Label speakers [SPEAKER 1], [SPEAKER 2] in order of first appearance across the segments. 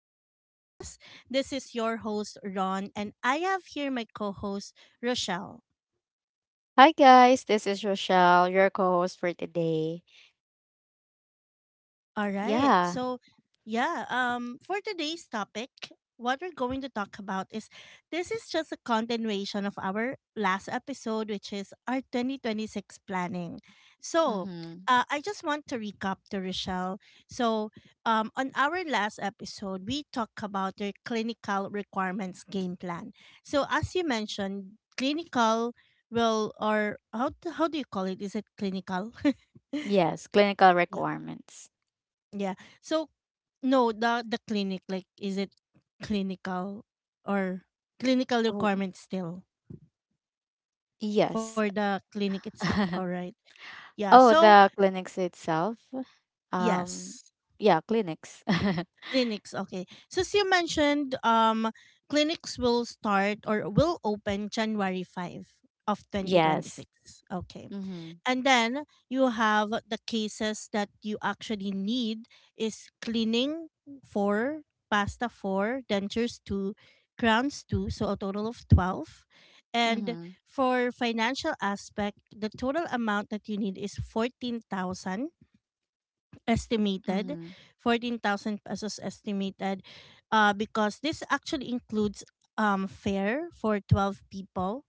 [SPEAKER 1] Growth Podcast. This is your host, Ron, and I have here my co host, Rochelle.
[SPEAKER 2] Hi guys, this is Rochelle, your co-host for today.
[SPEAKER 1] All right.
[SPEAKER 2] Yeah.
[SPEAKER 1] So, yeah, for today's topic, what we're going to talk about is this is just a continuation of our last episode, which is our 2026 planning. So,
[SPEAKER 2] Mm-hmm.
[SPEAKER 1] uh, I just want to recap to Rochelle. So, on our last episode, we talked about your clinical requirements game plan. So, as you mentioned, clinical will, or how do you call it? Is it clinical?
[SPEAKER 2] Yes, clinical
[SPEAKER 1] Yeah.
[SPEAKER 2] requirements.
[SPEAKER 1] Yeah. So no, the clinic, like, is it clinical or clinical
[SPEAKER 2] Oh,
[SPEAKER 1] requirement still for
[SPEAKER 2] yes.
[SPEAKER 1] the clinic itself? All right. Yeah.
[SPEAKER 2] Oh,
[SPEAKER 1] So
[SPEAKER 2] the clinics itself. Um,
[SPEAKER 1] yes.
[SPEAKER 2] yeah, clinics.
[SPEAKER 1] Clinics, okay. Since you mentioned clinics will start or will open January 5 of twenty twenty
[SPEAKER 2] Yes.
[SPEAKER 1] six. Okay.
[SPEAKER 2] Mm-hmm.
[SPEAKER 1] And then you have the cases that you actually need is cleaning four, pasta four, dentures two, crowns two, so a total of 12. And
[SPEAKER 2] Mm-hmm.
[SPEAKER 1] for financial aspect, the total amount that you need is 14,000 estimated,
[SPEAKER 2] Mm-hmm.
[SPEAKER 1] 14,000 pesos estimated, because this actually includes fare for 12 people,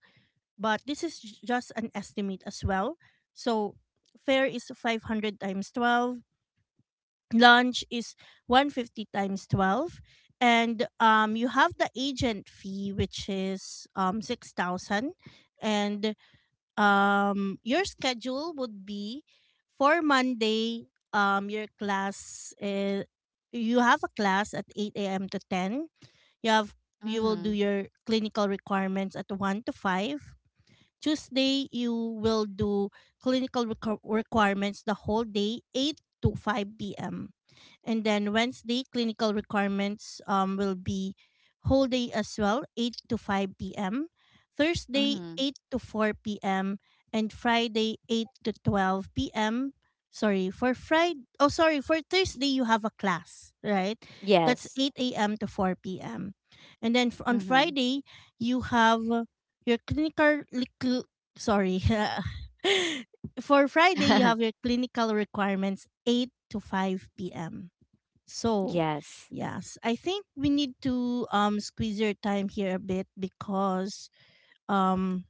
[SPEAKER 1] but this is just an estimate as well. So fare is 500 times 12, lunch is 150 times 12, and you have the agent fee which is 6,000, and your schedule would be: for Monday, your class, you have a class at 8 a.m. to 10. You have you will do
[SPEAKER 2] Mm-hmm.
[SPEAKER 1] your clinical requirements at 1 to 5. Tuesday, you will do requirements the whole day, 8 to 5 p.m. And then Wednesday, clinical requirements, will be whole day as well, 8 to 5 p.m. Thursday,
[SPEAKER 2] Mm-hmm.
[SPEAKER 1] 8 to 4 p.m. And Friday, 8 to 12 p.m. Sorry, for Thursday, you have a class, right? That's
[SPEAKER 2] Yes.
[SPEAKER 1] 8 a.m. to 4 p.m. And then on
[SPEAKER 2] Mm-hmm.
[SPEAKER 1] Friday, you have your sorry. For Friday, you have your clinical requirements 8 to 5 p.m. So,
[SPEAKER 2] Yes.
[SPEAKER 1] yes, I think we need to squeeze your time here a bit because um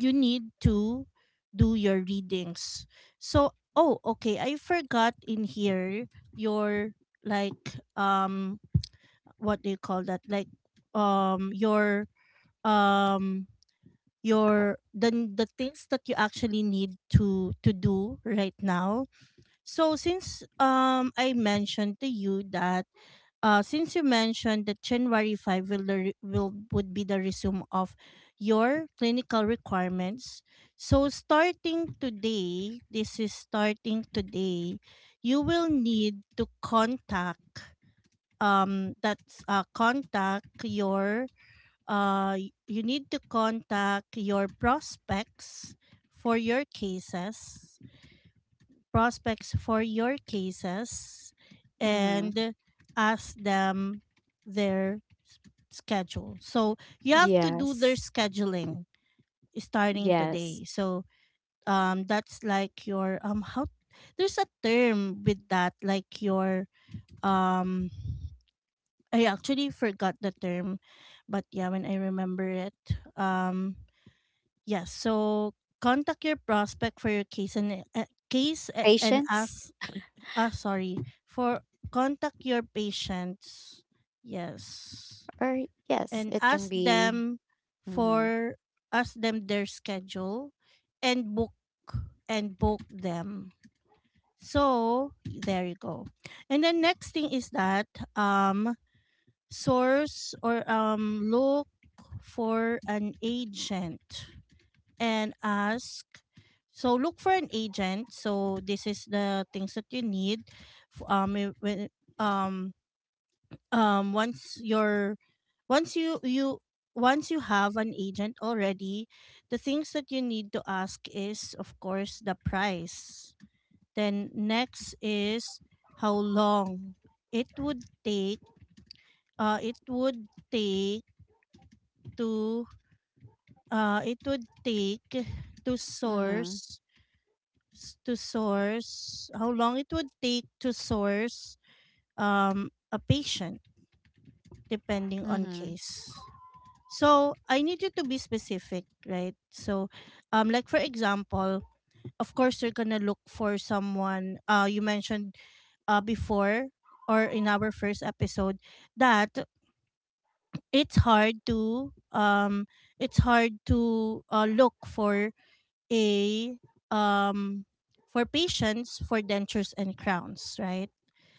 [SPEAKER 1] you need to do your readings. So, oh, okay, I forgot in here your like, what do you call that? Like, um your um your the things that you actually need to do right now. So, since you mentioned that January 5 will, the re- will would be the resume of your clinical requirements. So starting today, this is starting today, you will need to contact that's contact your y- you need to contact your prospects for your cases, prospects for your cases,
[SPEAKER 2] Mm-hmm.
[SPEAKER 1] and ask them their schedule. So you have to do their
[SPEAKER 2] Yes.
[SPEAKER 1] scheduling starting
[SPEAKER 2] Yes.
[SPEAKER 1] today. So, that's like your, how, there's a term with that, like your, um I actually forgot the term, but yeah, when I remember it. um Yes. So contact your prospect for your case and and
[SPEAKER 2] Patients,
[SPEAKER 1] ask. Ah, sorry. For Contact your patients. Yes,
[SPEAKER 2] or yes,
[SPEAKER 1] and
[SPEAKER 2] it can
[SPEAKER 1] ask
[SPEAKER 2] be.
[SPEAKER 1] them
[SPEAKER 2] Mm-hmm.
[SPEAKER 1] for ask them their schedule, and book them. So there you go. And the next thing is that, um source or look for an agent and ask. So look for an agent. So this is the things that you need. When, um, once your, once you you once you have an agent already, the things that you need to ask is of course the price. Then next is how long it would take. It would take to. It would take to
[SPEAKER 2] Mm-hmm.
[SPEAKER 1] source, to source, how long it would take to source a patient depending on
[SPEAKER 2] Mm-hmm.
[SPEAKER 1] case. So I need you to be specific, right? So, like for example, of course you're gonna look for someone. You mentioned, before, or in our first episode, that it's hard to, it's hard to, look for a, um for patients for dentures and crowns, right?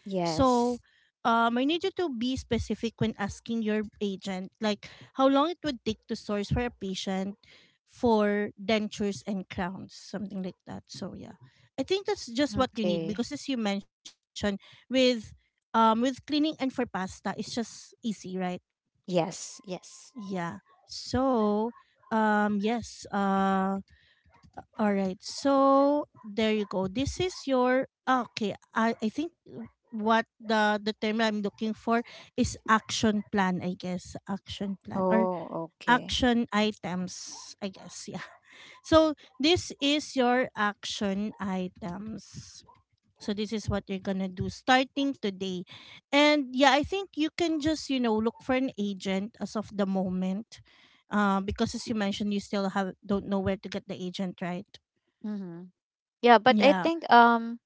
[SPEAKER 2] Yes.
[SPEAKER 1] So, I need you to be specific when asking your agent, like how long it would take to source for a patient for dentures and crowns, something like that. So yeah, I think that's just what you need
[SPEAKER 2] Okay.
[SPEAKER 1] because as you mentioned, with with cleaning and for pasta, it's just easy, right?
[SPEAKER 2] Yes, yes.
[SPEAKER 1] Yeah. So, yes. All right. So there you go. This is your, ah, okay. I think what the term I'm looking for is action plan. I guess action plan, or
[SPEAKER 2] Oh, okay.
[SPEAKER 1] action items. I guess, yeah. So this is your action items. So this is what you're gonna do starting today. And yeah, I think you can just, you know, look for an agent as of the moment. Because as you mentioned, you still have don't know where to get the agent, right?
[SPEAKER 2] Mm-hmm. Yeah, but I
[SPEAKER 1] Yeah.
[SPEAKER 2] think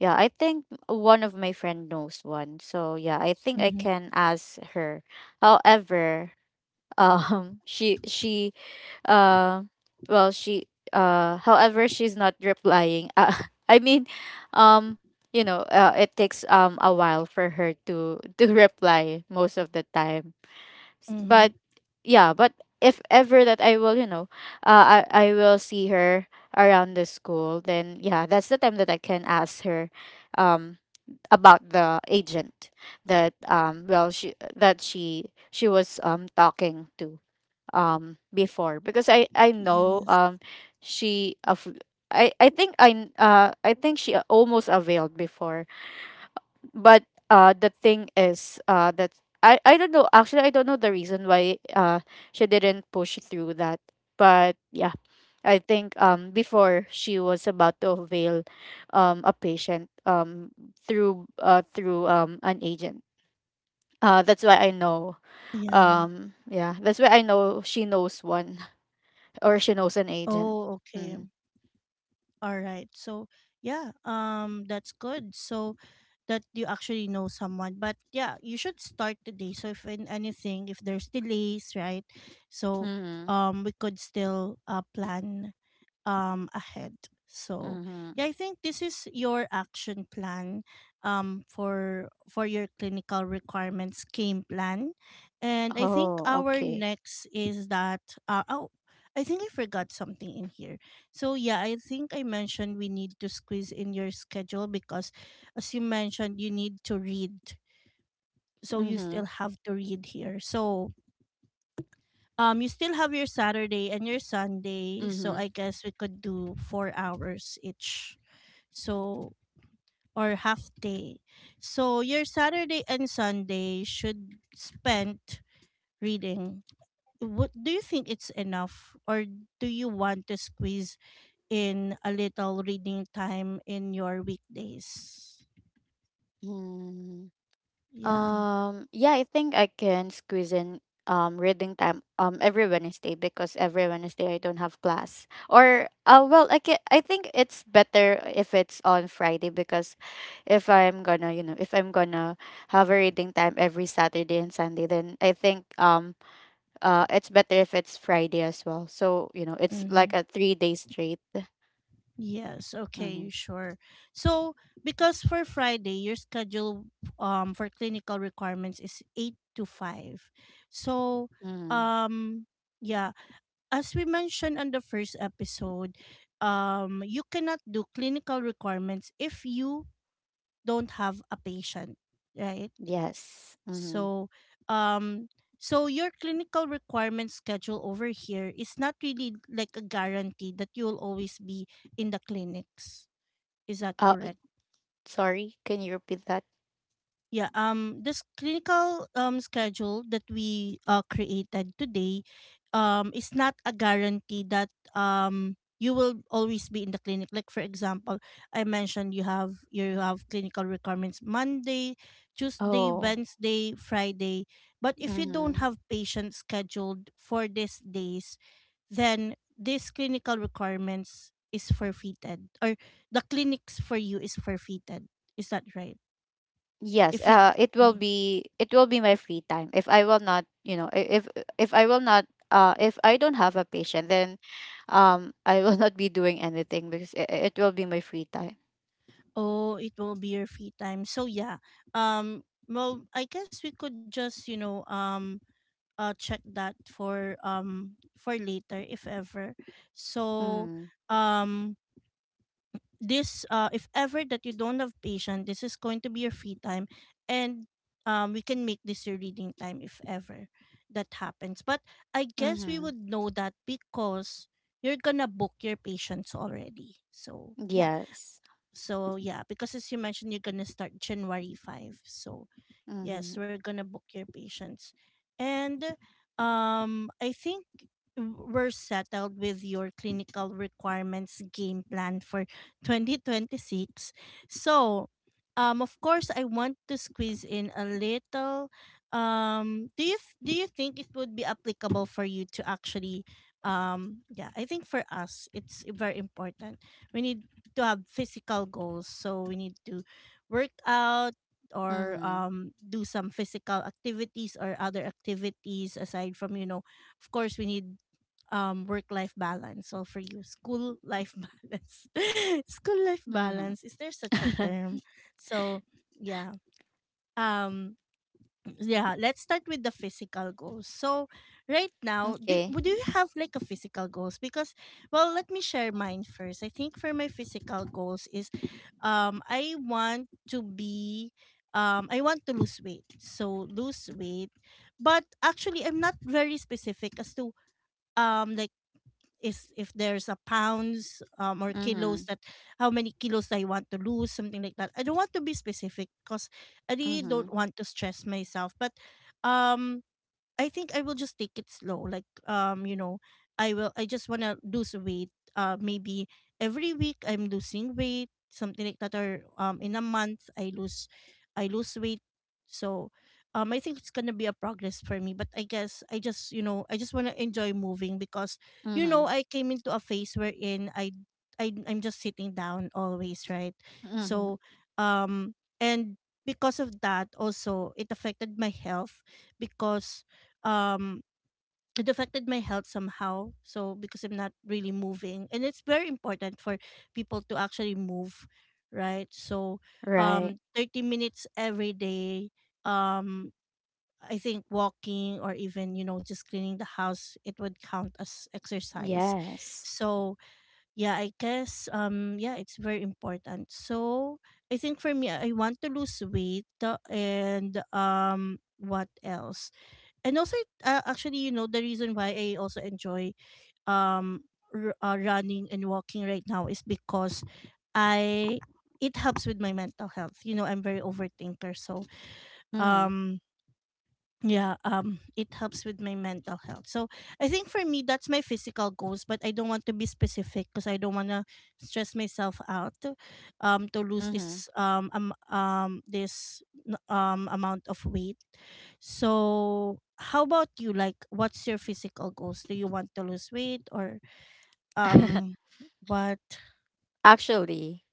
[SPEAKER 2] yeah, I think one of my friend knows one. So yeah, I think I
[SPEAKER 1] Mm-hmm.
[SPEAKER 2] can ask her. However, she uh well she however she's not replying. I mean, um it takes a while for her to reply most of the time.
[SPEAKER 1] Mm-hmm.
[SPEAKER 2] But yeah, but if ever that I will, I will see her around the school, then yeah, that's the time that I can ask her um about the agent that she was talking to before, because I know
[SPEAKER 1] Yes.
[SPEAKER 2] she of, I think I think she almost availed before, but the thing is, that I don't know, actually, I don't know the reason why she didn't push through that. But yeah, I think before she was about to avail a patient through an agent, that's why I know
[SPEAKER 1] Yeah.
[SPEAKER 2] yeah, that's why I know she knows one. Or she knows an agent.
[SPEAKER 1] Oh, okay.
[SPEAKER 2] Hmm.
[SPEAKER 1] All right. So, yeah, that's good. So that you actually know someone. But yeah, you should start today. So if in anything, if there's delays, right? So
[SPEAKER 2] Hmm.
[SPEAKER 1] we could still plan ahead. So
[SPEAKER 2] Hmm.
[SPEAKER 1] yeah, I think this is your action plan for your clinical requirements game plan. And I think
[SPEAKER 2] Oh,
[SPEAKER 1] our
[SPEAKER 2] okay.
[SPEAKER 1] next is that, oh, I think I forgot something in here. So yeah, I think I mentioned we need to squeeze in your schedule because as you mentioned you need to read. So you still
[SPEAKER 2] Hmm.
[SPEAKER 1] have to read here. So, you still have your Saturday and your Sunday, so
[SPEAKER 2] Hmm.
[SPEAKER 1] I guess we could do 4 hours each. So, or half day. So your Saturday and Sunday should spent reading. What do you think, it's enough, or do you want to squeeze in a little reading time in your weekdays?
[SPEAKER 2] Mm-hmm.
[SPEAKER 1] Yeah.
[SPEAKER 2] Yeah, I think I can squeeze in reading time every Wednesday, because every Wednesday I don't have class. Or well, I can — I think it's better if it's on Friday, because if I'm gonna, you know, if I'm gonna have a reading time every Saturday and Sunday, then I think it's better if it's Friday as well. So, it's
[SPEAKER 1] Mm-hmm.
[SPEAKER 2] like a 3-day straight.
[SPEAKER 1] Yes. Okay.
[SPEAKER 2] Mhm.
[SPEAKER 1] Sure. So, because for Friday, your schedule for clinical requirements is 8 to 5. So,
[SPEAKER 2] Mhm.
[SPEAKER 1] um, yeah. As we mentioned on the first episode, you cannot do clinical requirements if you don't have a patient, right?
[SPEAKER 2] Yes. Mhm.
[SPEAKER 1] So, um, so your clinical requirement schedule over here is not really like a guarantee that you'll always be in the clinics. Is that
[SPEAKER 2] Uh
[SPEAKER 1] correct?
[SPEAKER 2] Sorry, can you repeat that?
[SPEAKER 1] Yeah, this clinical schedule that we created today is not a guarantee that you will always be in the clinic. Like for example, I mentioned you have clinical requirements Monday, Tuesday,
[SPEAKER 2] Oh.
[SPEAKER 1] Wednesday, Friday. But if you don't
[SPEAKER 2] Mhm.
[SPEAKER 1] have patients scheduled for these days, then these clinical requirements is forfeited, or the clinics for you is forfeited. Is that right?
[SPEAKER 2] Yes,
[SPEAKER 1] If you
[SPEAKER 2] it will be my free time. If I will not, if I will not, if I don't have a patient, then, I will not be doing anything, because it will be my free time.
[SPEAKER 1] Oh, it will be your free time. So yeah. Um well, I guess we could just, you know, check that for later if ever. So
[SPEAKER 2] Mm.
[SPEAKER 1] um this, if ever that you don't have patient, this is going to be your free time, and we can make this your reading time if ever that happens. But I guess we
[SPEAKER 2] Mm-hmm.
[SPEAKER 1] would know that because you're gonna book your patients already. So yeah.
[SPEAKER 2] Yes.
[SPEAKER 1] So yeah, because as you mentioned, you're gonna start January 5. So
[SPEAKER 2] Mm-hmm.
[SPEAKER 1] yes, we're gonna book your patients, and, I think we're settled with your clinical requirements game plan for 2026. So, of course, I want to squeeze in a little. Do you think it would be applicable for you to actually? Yeah, I think for us, it's very important, we need to have physical goals. So we need to work out, or
[SPEAKER 2] Mm-hmm.
[SPEAKER 1] do some physical activities or other activities aside from, you know, of course we need work life balance. So for you, school life balance, school life
[SPEAKER 2] Mm-hmm.
[SPEAKER 1] balance, is there such a term? So yeah, um yeah, let's start with the physical goals. So, right now, do
[SPEAKER 2] Okay.
[SPEAKER 1] would you have like a physical goals? Because, well, let me share mine first. I think for my physical goals is, I want to be, I want to lose weight. So, lose weight, but actually, I'm not very specific as to, like, is if there's a pounds, or
[SPEAKER 2] Mm-hmm.
[SPEAKER 1] kilos, that how many kilos I want to lose, something like that. I don't want to be specific because I really
[SPEAKER 2] Mm-hmm.
[SPEAKER 1] don't want to stress myself. But um I think I will just take it slow. Like, you know, I just wanna lose weight. Maybe every week I'm losing weight, something like that, or in a month I lose weight. So I think it's gonna be a progress for me. But I guess I just, you know, I just wanna enjoy moving because, you
[SPEAKER 2] Mm-hmm.
[SPEAKER 1] know, I came into a phase wherein I'm just sitting down always, right?
[SPEAKER 2] Mm-hmm.
[SPEAKER 1] So um and because of that also it affected my health because um it affected my health somehow, so because I'm not really moving, and it's very important for people to actually move, right? So
[SPEAKER 2] Right.
[SPEAKER 1] 30 minutes every day. um I think walking or even just cleaning the house, it would count as exercise.
[SPEAKER 2] Yes.
[SPEAKER 1] So yeah, I guess, yeah, it's very important. So I think for me, I want to lose weight and what else? And also, actually, the reason why I also enjoy um running and walking right now is because I it helps with my mental health. You know, I'm very overthinker, so
[SPEAKER 2] Mm-hmm.
[SPEAKER 1] um yeah, it helps with my mental health. So I think for me, that's my physical goals, but I don't want to be specific because I don't want to stress myself out to lose
[SPEAKER 2] Mm-hmm.
[SPEAKER 1] this amount of weight. So how about you? Like, what's your physical goals? Do you want to lose weight or um what?
[SPEAKER 2] Actually.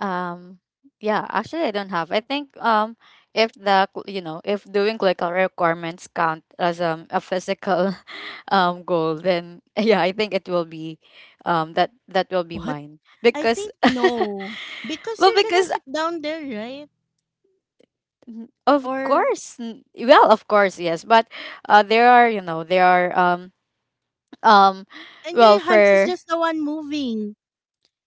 [SPEAKER 2] Um, yeah, actually, I don't have. I think if the cl- you know if doing clinical requirements count as a physical goal, then yeah, I think it will be that will be
[SPEAKER 1] what
[SPEAKER 2] mine,
[SPEAKER 1] I
[SPEAKER 2] because
[SPEAKER 1] think no, because
[SPEAKER 2] well,
[SPEAKER 1] you're gonna
[SPEAKER 2] because,
[SPEAKER 1] sit down there, right? Or
[SPEAKER 2] of course yes, but there are, there are, um
[SPEAKER 1] and your hands is
[SPEAKER 2] for —
[SPEAKER 1] just the one moving.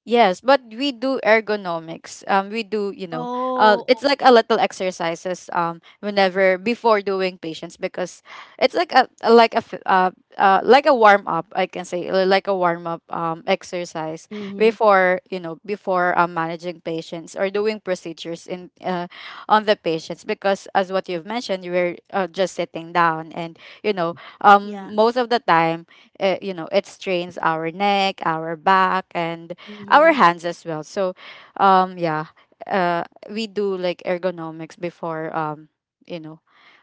[SPEAKER 2] Yes, but we do ergonomics. We do,
[SPEAKER 1] Oh,
[SPEAKER 2] it's like a
[SPEAKER 1] okay.
[SPEAKER 2] little exercises. Whenever before doing patients, because it's like like a warm up. I can say, like a warm up exercise,
[SPEAKER 1] Mm-hmm.
[SPEAKER 2] before before, managing patients or doing procedures, in on the patients. Because, as what you've mentioned, you were, just sitting down, and you know
[SPEAKER 1] Yeah.
[SPEAKER 2] most of the time, it strains our neck, our back, and
[SPEAKER 1] Mm-hmm.
[SPEAKER 2] our hands as well. So, yeah, uh, we do like ergonomics before, you know,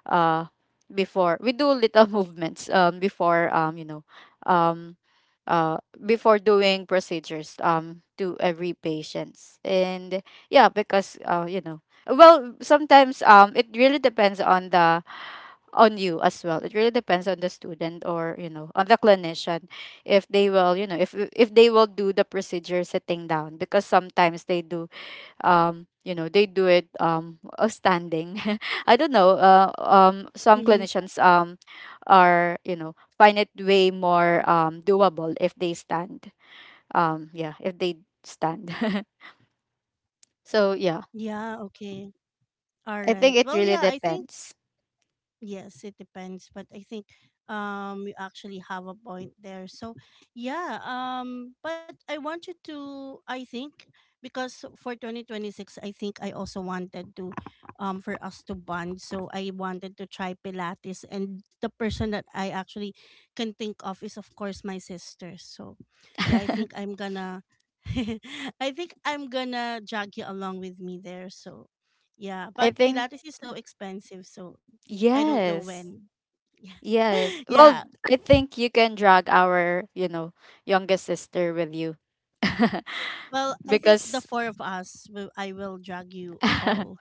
[SPEAKER 2] uh, before we do little movements, before, um, uh, before doing procedures, to every patients. And yeah, because, well, sometimes, it really depends on you as well. It really depends on the student, or, on the clinician. If they will, if they will do the procedure sitting down, because sometimes they do, they do it, standing. I don't know, some
[SPEAKER 1] Mm-hmm.
[SPEAKER 2] clinicians are you know find it way more doable if they stand, yeah, if they stand. So yeah,
[SPEAKER 1] Yeah, okay. All right.
[SPEAKER 2] I think
[SPEAKER 1] Well,
[SPEAKER 2] it
[SPEAKER 1] yeah, I
[SPEAKER 2] really
[SPEAKER 1] think
[SPEAKER 2] depends.
[SPEAKER 1] Yes, it depends, but I think you actually have a point there. So, yeah, but I want you to I think because for 2026 I think I also wanted to for us to bond. So, I wanted to try Pilates, and the person that I actually can think of is of course my sister. So, yeah, I
[SPEAKER 2] I
[SPEAKER 1] think I'm gonna I think I'm gonna drag you along with me there. So, yeah, but
[SPEAKER 2] think.
[SPEAKER 1] Pilates is so
[SPEAKER 2] Yeah.
[SPEAKER 1] expensive, so I don't know
[SPEAKER 2] yes
[SPEAKER 1] when. Yeah.
[SPEAKER 2] Yes.
[SPEAKER 1] Yeah.
[SPEAKER 2] Well, I think you can drag our, youngest sister with you.
[SPEAKER 1] Well, I think
[SPEAKER 2] Because
[SPEAKER 1] the four of us will I will drag you all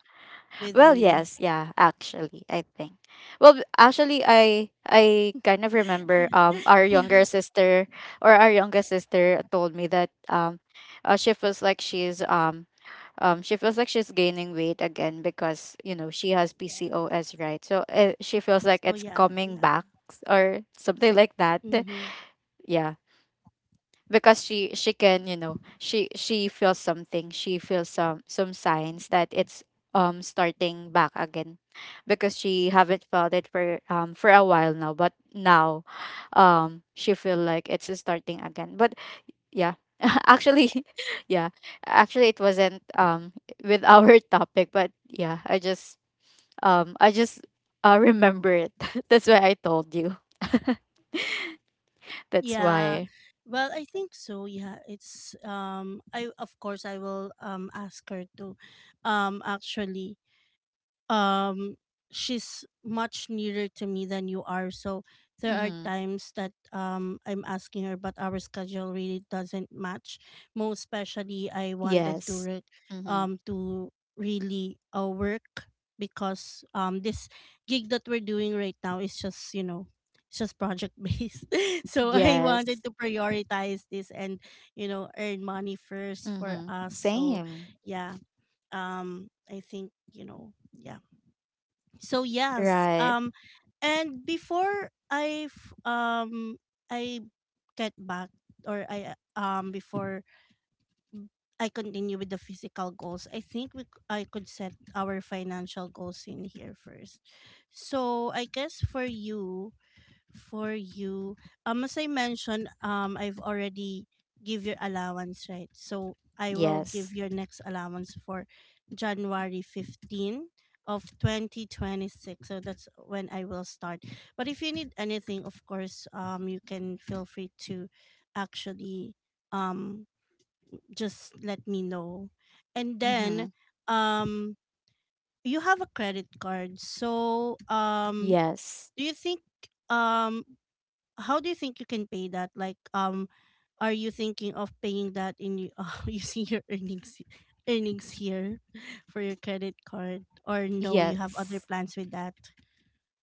[SPEAKER 1] with
[SPEAKER 2] well,
[SPEAKER 1] me.
[SPEAKER 2] yes, yeah, actually, I think. Well, actually, I kind of remember our younger
[SPEAKER 1] Yeah.
[SPEAKER 2] sister, or our youngest sister, told me that, she feels like she feels like she's gaining weight again because, she has
[SPEAKER 1] Yeah.
[SPEAKER 2] PCOS, right? So, she feels like
[SPEAKER 1] So
[SPEAKER 2] it's
[SPEAKER 1] yeah,
[SPEAKER 2] coming
[SPEAKER 1] yeah.
[SPEAKER 2] back, or something like that.
[SPEAKER 1] Mm-hmm.
[SPEAKER 2] Yeah. Because she can, she feels something, she feels some signs that it's starting back again, because she haven't felt it for a while now, but now she feel like it's starting again, but yeah. Actually, yeah, actually, it wasn't with our topic, but yeah, I just, remember it. That's why I told you. That's
[SPEAKER 1] Yeah.
[SPEAKER 2] why.
[SPEAKER 1] Well, I think so. Yeah, it's I of course I will ask her to actually um she's much nearer to me than you are, so there are
[SPEAKER 2] Mm-hmm.
[SPEAKER 1] times that I'm asking her, but our schedule really doesn't match, most especially I wanted to
[SPEAKER 2] Yes. Mm-hmm.
[SPEAKER 1] to really work because this gig that we're doing right now is just, you know, it's just project based. So I
[SPEAKER 2] Yes.
[SPEAKER 1] wanted to prioritize this and, you know, earn money first for
[SPEAKER 2] Mm-hmm.
[SPEAKER 1] us. So
[SPEAKER 2] Same.
[SPEAKER 1] yeah, I think, you know, yeah. So yes,
[SPEAKER 2] Right.
[SPEAKER 1] and before I get back or I before I continue with the physical goals, I think I could set our financial goals in here first. So I guess for you, for you, as I mentioned, I've already give your allowance, right? So I will give
[SPEAKER 2] Yes.
[SPEAKER 1] your next allowance for January 15 of 2026. So that's when I will start. But if you need anything, of course, you can feel free to actually um, just let me know. And
[SPEAKER 2] Mm-hmm.
[SPEAKER 1] then um, you have a credit card. So
[SPEAKER 2] Yes.
[SPEAKER 1] do you think um how do you think you can pay that? Like, are you thinking of paying that in using your earnings here for your credit card, or no? You have other
[SPEAKER 2] Yes.
[SPEAKER 1] plans with that.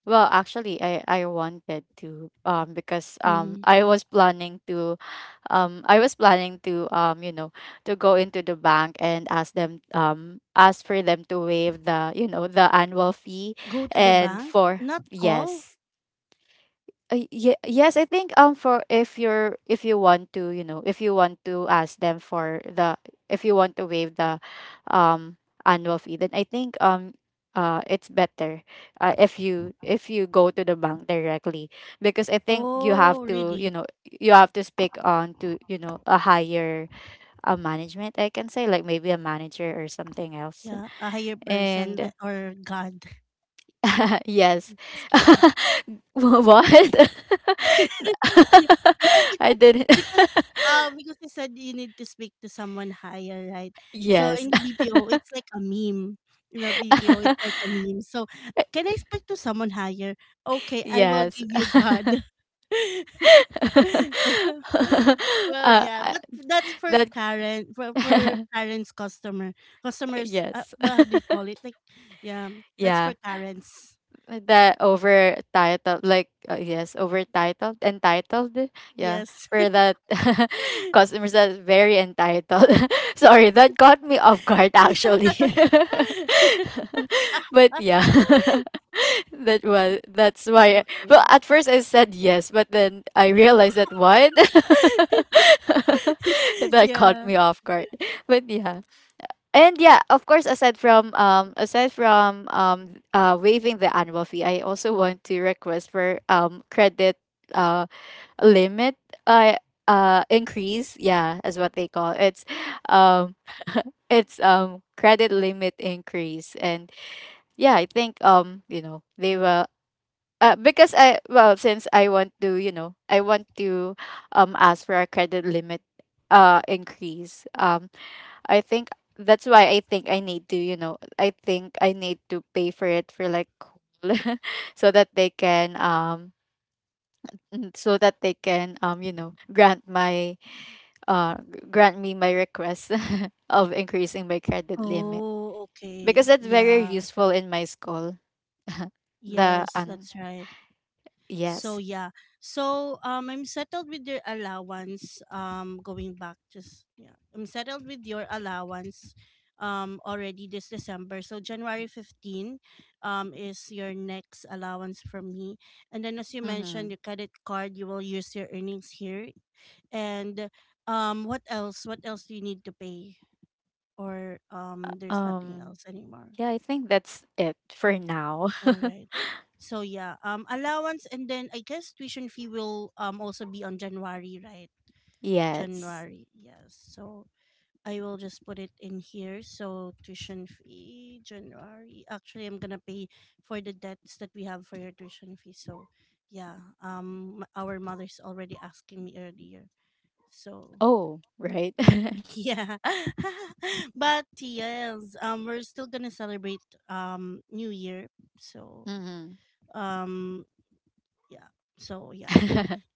[SPEAKER 2] Well, actually, I wanted to, because,
[SPEAKER 1] Hmm.
[SPEAKER 2] I was planning to, I was planning to, to go into the bank and ask them, ask for them to waive the, the annual fee.
[SPEAKER 1] Go to the
[SPEAKER 2] And
[SPEAKER 1] bank,
[SPEAKER 2] for —
[SPEAKER 1] not call.
[SPEAKER 2] yes. Yes, I think, for if you're if you want to, if you want to ask them for the — if you want to waive the annual fee, then I think, it's better, if you go to the bank directly, because I think you
[SPEAKER 1] Oh,
[SPEAKER 2] have to,
[SPEAKER 1] really?
[SPEAKER 2] you have to speak on to, a higher, management, I can say, like maybe a manager, or something else.
[SPEAKER 1] Yeah, a higher person
[SPEAKER 2] And
[SPEAKER 1] like, or God. Oh,
[SPEAKER 2] yes.
[SPEAKER 1] just kidding.
[SPEAKER 2] Wha- what?
[SPEAKER 1] No,
[SPEAKER 2] I didn't.
[SPEAKER 1] because, because you said you need to speak to someone higher, right? So
[SPEAKER 2] Yes.
[SPEAKER 1] in the BPO, it's like a meme. In the BPO, it's like a meme. So can I speak to someone higher? Okay, I will
[SPEAKER 2] Yes.
[SPEAKER 1] give you God. Well,
[SPEAKER 2] uh,
[SPEAKER 1] yeah,
[SPEAKER 2] I-
[SPEAKER 1] but that's for
[SPEAKER 2] that.
[SPEAKER 1] Karen, for Karen's customer. Customers,
[SPEAKER 2] Yes.
[SPEAKER 1] well, how do you call it? Like, yeah, that's
[SPEAKER 2] Yeah.
[SPEAKER 1] for Karen's.
[SPEAKER 2] The over titled, like, yes, over titled, entitled,
[SPEAKER 1] Yeah.
[SPEAKER 2] yeah,
[SPEAKER 1] Yes.
[SPEAKER 2] for that. Customers that's very entitled. Sorry, that caught me off guard actually.
[SPEAKER 1] Yeah.
[SPEAKER 2] But yeah. That was, that's why, well,
[SPEAKER 1] Okay.
[SPEAKER 2] at first I said yes, but then I realized that — what? That caught
[SPEAKER 1] Yeah.
[SPEAKER 2] me off guard. But yeah, and yeah, of course, aside from, aside from, waiving the annual fee, I also want to request for, credit, uh limit, uh increase. Yeah, is what they call it. Um it's credit limit increase. And yeah, I think, they will, because I, well, since I want to, I want to, ask for a credit limit, increase. I think that's why I think I need to, I think I need to pay for it for, like, whole, so that they can, so that they can um you know grant my grant me my request of increasing my credit limit,
[SPEAKER 1] Oh, okay.
[SPEAKER 2] because that's
[SPEAKER 1] Yeah.
[SPEAKER 2] very useful in my school. the
[SPEAKER 1] Yes, that's right. So
[SPEAKER 2] Yes.
[SPEAKER 1] yeah. So I'm settled with your allowance. Going back, just yeah. I'm settled with your allowance already this December. So January 15 is your next allowance from me. And then as you mentioned,
[SPEAKER 2] Mhm.
[SPEAKER 1] your credit card, you will use your earnings here. And what else? What else do you need to pay? Or there's nothing
[SPEAKER 2] Um
[SPEAKER 1] else anymore.
[SPEAKER 2] yeah, I think that's it for now.
[SPEAKER 1] All right. So yeah, allowance, and then I guess tuition fee will also be on January, right?
[SPEAKER 2] Yes.
[SPEAKER 1] January. Yes. So I will just put it in here. So tuition fee January. Actually, I'm going to pay for the debts that we have for your tuition fee. So yeah, our mother's already asking me earlier. So
[SPEAKER 2] Oh, right.
[SPEAKER 1] Yeah. But yes, we're still gonna celebrate New Year. So
[SPEAKER 2] Mhm.
[SPEAKER 1] um yeah. So yeah.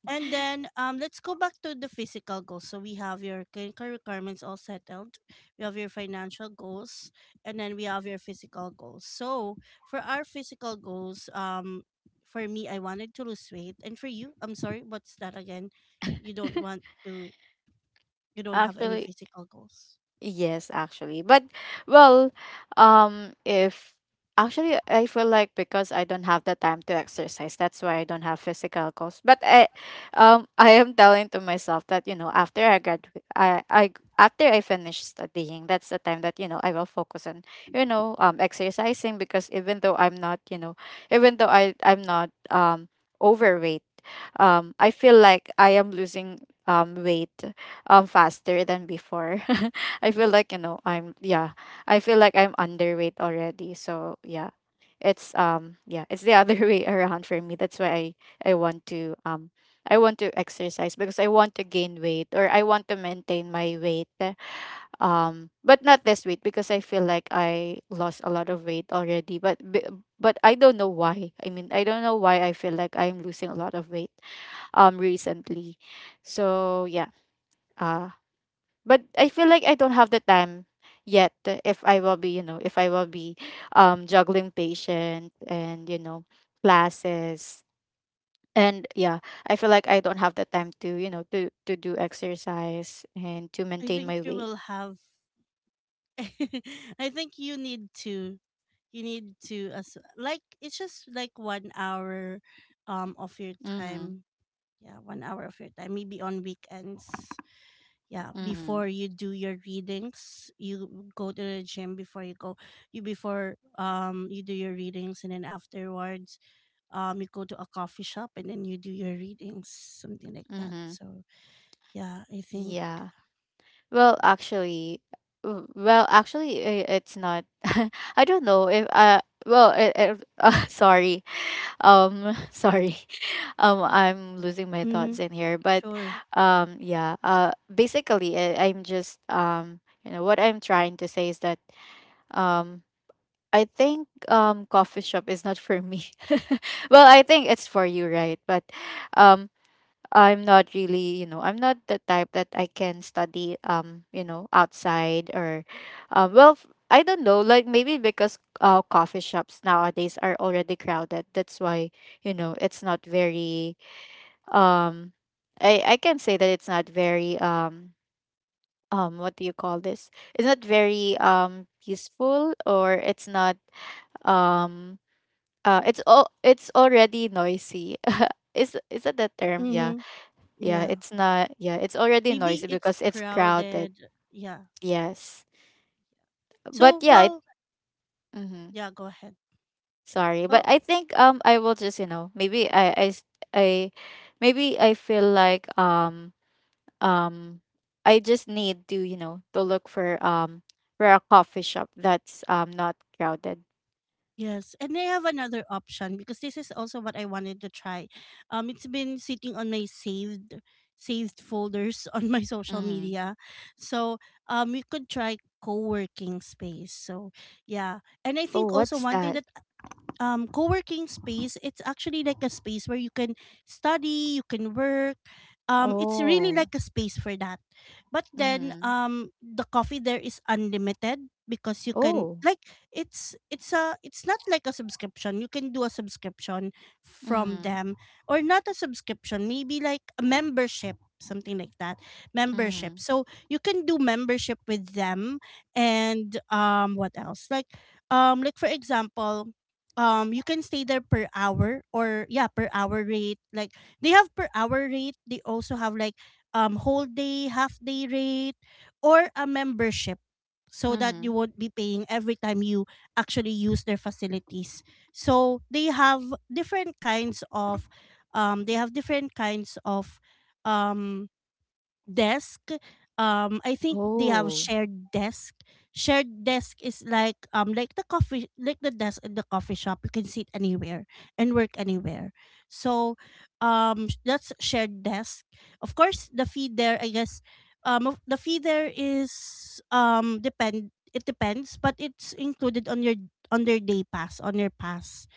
[SPEAKER 1] And then let's go back to the physical goals. So we have your clinical requirements all settled. We have your financial goals, and then we have your physical goals. So for our physical goals, for me, I wanted to lose weight. And for you, I'm sorry, what's that again? You don't want to you don't have any
[SPEAKER 2] Actually,
[SPEAKER 1] physical goals.
[SPEAKER 2] yes, actually. But, well, if actually I feel like, because I don't have the time to exercise, that's why I don't have physical goals. But I am telling to myself that, after I graduate I after I finish studying, that's the time that, I will focus on, exercising, because even though I'm not, even though I'm not, overweight, I feel like I am losing, weight, faster than before. I feel like, I'm — yeah, I feel like I'm underweight already. So yeah, it's the other way around for me. That's why I want to um I want to exercise, because I want to gain weight, or I want to maintain my weight. But not this weight, because I feel like I lost a lot of weight already. But I don't know why. I mean, I don't know why I feel like I'm losing a lot of weight recently. So yeah, uh but I feel like I don't have the time yet if I will be, juggling patient and, classes. And yeah, I feel like I don't have the time to do exercise, and to
[SPEAKER 1] I
[SPEAKER 2] maintain my
[SPEAKER 1] think you
[SPEAKER 2] weight.
[SPEAKER 1] will have. I think you need to as like it's just like 1 hour, of your
[SPEAKER 2] Mhm.
[SPEAKER 1] time. Yeah, 1 hour of your time. Maybe on weekends. Yeah,
[SPEAKER 2] Mhm.
[SPEAKER 1] before you do your readings, you go to the gym before you go. You before you do your readings, and then afterwards you go to a coffee shop and then you do your readings, something like that.
[SPEAKER 2] Mhm.
[SPEAKER 1] So yeah, I think.
[SPEAKER 2] Yeah. Well, actually, it's not. I don't know if, well, sorry. Sorry. I'm losing my
[SPEAKER 1] Mm-hmm.
[SPEAKER 2] thoughts in here, but
[SPEAKER 1] Sure.
[SPEAKER 2] yeah, basically, I'm just, you know what I'm trying to say is that um I think, coffee shop is not for me. Well, I think it's for you, right? But um I'm not really, you know, I'm not the type that I can study you know, outside or um well, f- I don't know, like maybe because coffee shops nowadays are already crowded. That's why, you know, it's not very um, I can say that it's not very um, what do you call this, it's not very peaceful, or it's not um it's already noisy. Is that the term? yeah
[SPEAKER 1] Mm-hmm.
[SPEAKER 2] yeah
[SPEAKER 1] Yeah.
[SPEAKER 2] it's not, yeah, it's already
[SPEAKER 1] Maybe
[SPEAKER 2] noisy
[SPEAKER 1] it's
[SPEAKER 2] because it's crowded.
[SPEAKER 1] crowded. Yeah.
[SPEAKER 2] Yes, but
[SPEAKER 1] So, well,
[SPEAKER 2] mm-hmm.
[SPEAKER 1] yeah, go ahead.
[SPEAKER 2] Sorry, but
[SPEAKER 1] Well,
[SPEAKER 2] I think I will just, you know, maybe I- maybe I feel like um, I just need to, you know, to look for a coffee shop that's not crowded.
[SPEAKER 1] yes. And I have another option because this is also what I wanted to try. It's been sitting on my saved folders on my social
[SPEAKER 2] Mm.
[SPEAKER 1] media. So, you could try co-working space. So, yeah. And I
[SPEAKER 2] Oh,
[SPEAKER 1] think also
[SPEAKER 2] what's
[SPEAKER 1] one thing
[SPEAKER 2] that?
[SPEAKER 1] that co-working space, it's actually like a space where you can study, you can work. It's really
[SPEAKER 2] Oh.
[SPEAKER 1] like a space for that, but then
[SPEAKER 2] Mm.
[SPEAKER 1] the coffee there is unlimited because you can
[SPEAKER 2] Oh.
[SPEAKER 1] like it's a it's not like a subscription. You can do a subscription from
[SPEAKER 2] Mm.
[SPEAKER 1] them, or not a subscription, maybe like a membership, something like that. Membership,
[SPEAKER 2] Mm.
[SPEAKER 1] so you can do membership with them. And what else? Like like for example you can stay there per hour, or yeah, per hour rate. Like they have per hour rate, they also have like whole day, half day rate, or a membership, so that you
[SPEAKER 2] Mm.
[SPEAKER 1] won't be paying every time you actually use their facilities. So they have different kinds of they have different kinds of um desk. I think they have
[SPEAKER 2] Oh.
[SPEAKER 1] shared desk. Shared desk is like the coffee like the desk in the coffee shop, you can sit anywhere and work anywhere. So that's shared desk. Of course, the fee there, I guess, the fee there is depend, it depends, but it's included on your on their day pass, on your pass,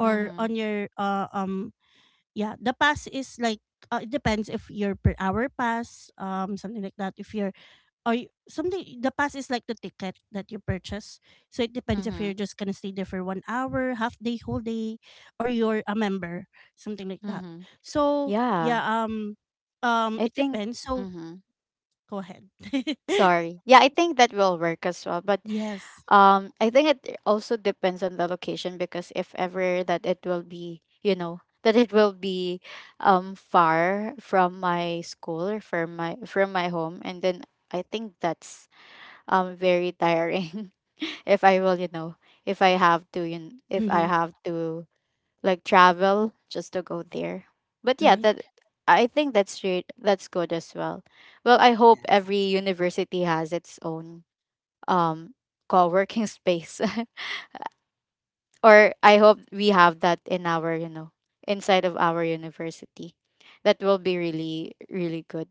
[SPEAKER 1] or
[SPEAKER 2] Mm.
[SPEAKER 1] on your yeah, the pass is like it depends if you're per hour pass, something like that, if you're or something. The pass is like the ticket that you purchase, so it depends if you're
[SPEAKER 2] Mm.
[SPEAKER 1] just gonna stay there for 1 hour, half day, whole day, or you're a member, something like that.
[SPEAKER 2] Mm.
[SPEAKER 1] So yeah,
[SPEAKER 2] Yeah. I
[SPEAKER 1] it
[SPEAKER 2] think
[SPEAKER 1] depends. So
[SPEAKER 2] mm.
[SPEAKER 1] go ahead.
[SPEAKER 2] Sorry. Yeah, I think that will work as well. But
[SPEAKER 1] Yes.
[SPEAKER 2] I think it also depends on the location, because if ever that it will be, you know, that it will be far from my school or from my home, and then I think that's very tiring if I will, you know, if I have to you kn- if I
[SPEAKER 1] Hmm.
[SPEAKER 2] have to like travel just to go there. But yeah, that,
[SPEAKER 1] Right.
[SPEAKER 2] I think that's good as well. Well, I hope
[SPEAKER 1] Yes.
[SPEAKER 2] every university has its own um co-working space. Or I hope we have that in our, you know, inside of our university. That will be really, really good.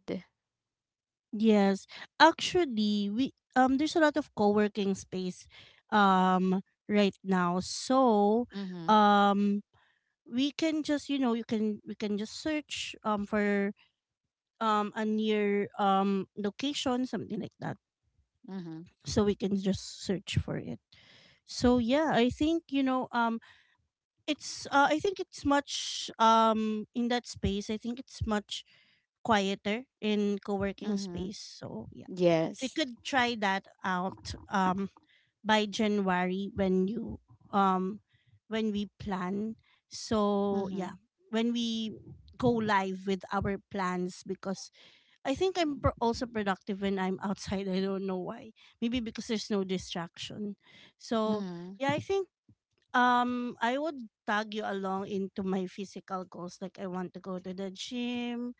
[SPEAKER 1] Yes, actually, we there's a lot of co-working space um right now. So,
[SPEAKER 2] Mm-hmm.
[SPEAKER 1] um we can just, you know, you can we can just search for a near location, something like that.
[SPEAKER 2] Mm-hmm.
[SPEAKER 1] So we can just search for it. So yeah, I think you know it's I think it's much in that space. I think it's much quieter in co-working
[SPEAKER 2] Mm-hmm.
[SPEAKER 1] space. So yeah. We
[SPEAKER 2] Yes.
[SPEAKER 1] could try that out by January when you um when we plan. So
[SPEAKER 2] Mm-hmm.
[SPEAKER 1] yeah, when we go live with our plans because I think also productive when I'm outside. I don't know why. Maybe because there's no distraction. So
[SPEAKER 2] Mm-hmm.
[SPEAKER 1] yeah, I think I would tag you along into my physical goals, like I want to go to the gym,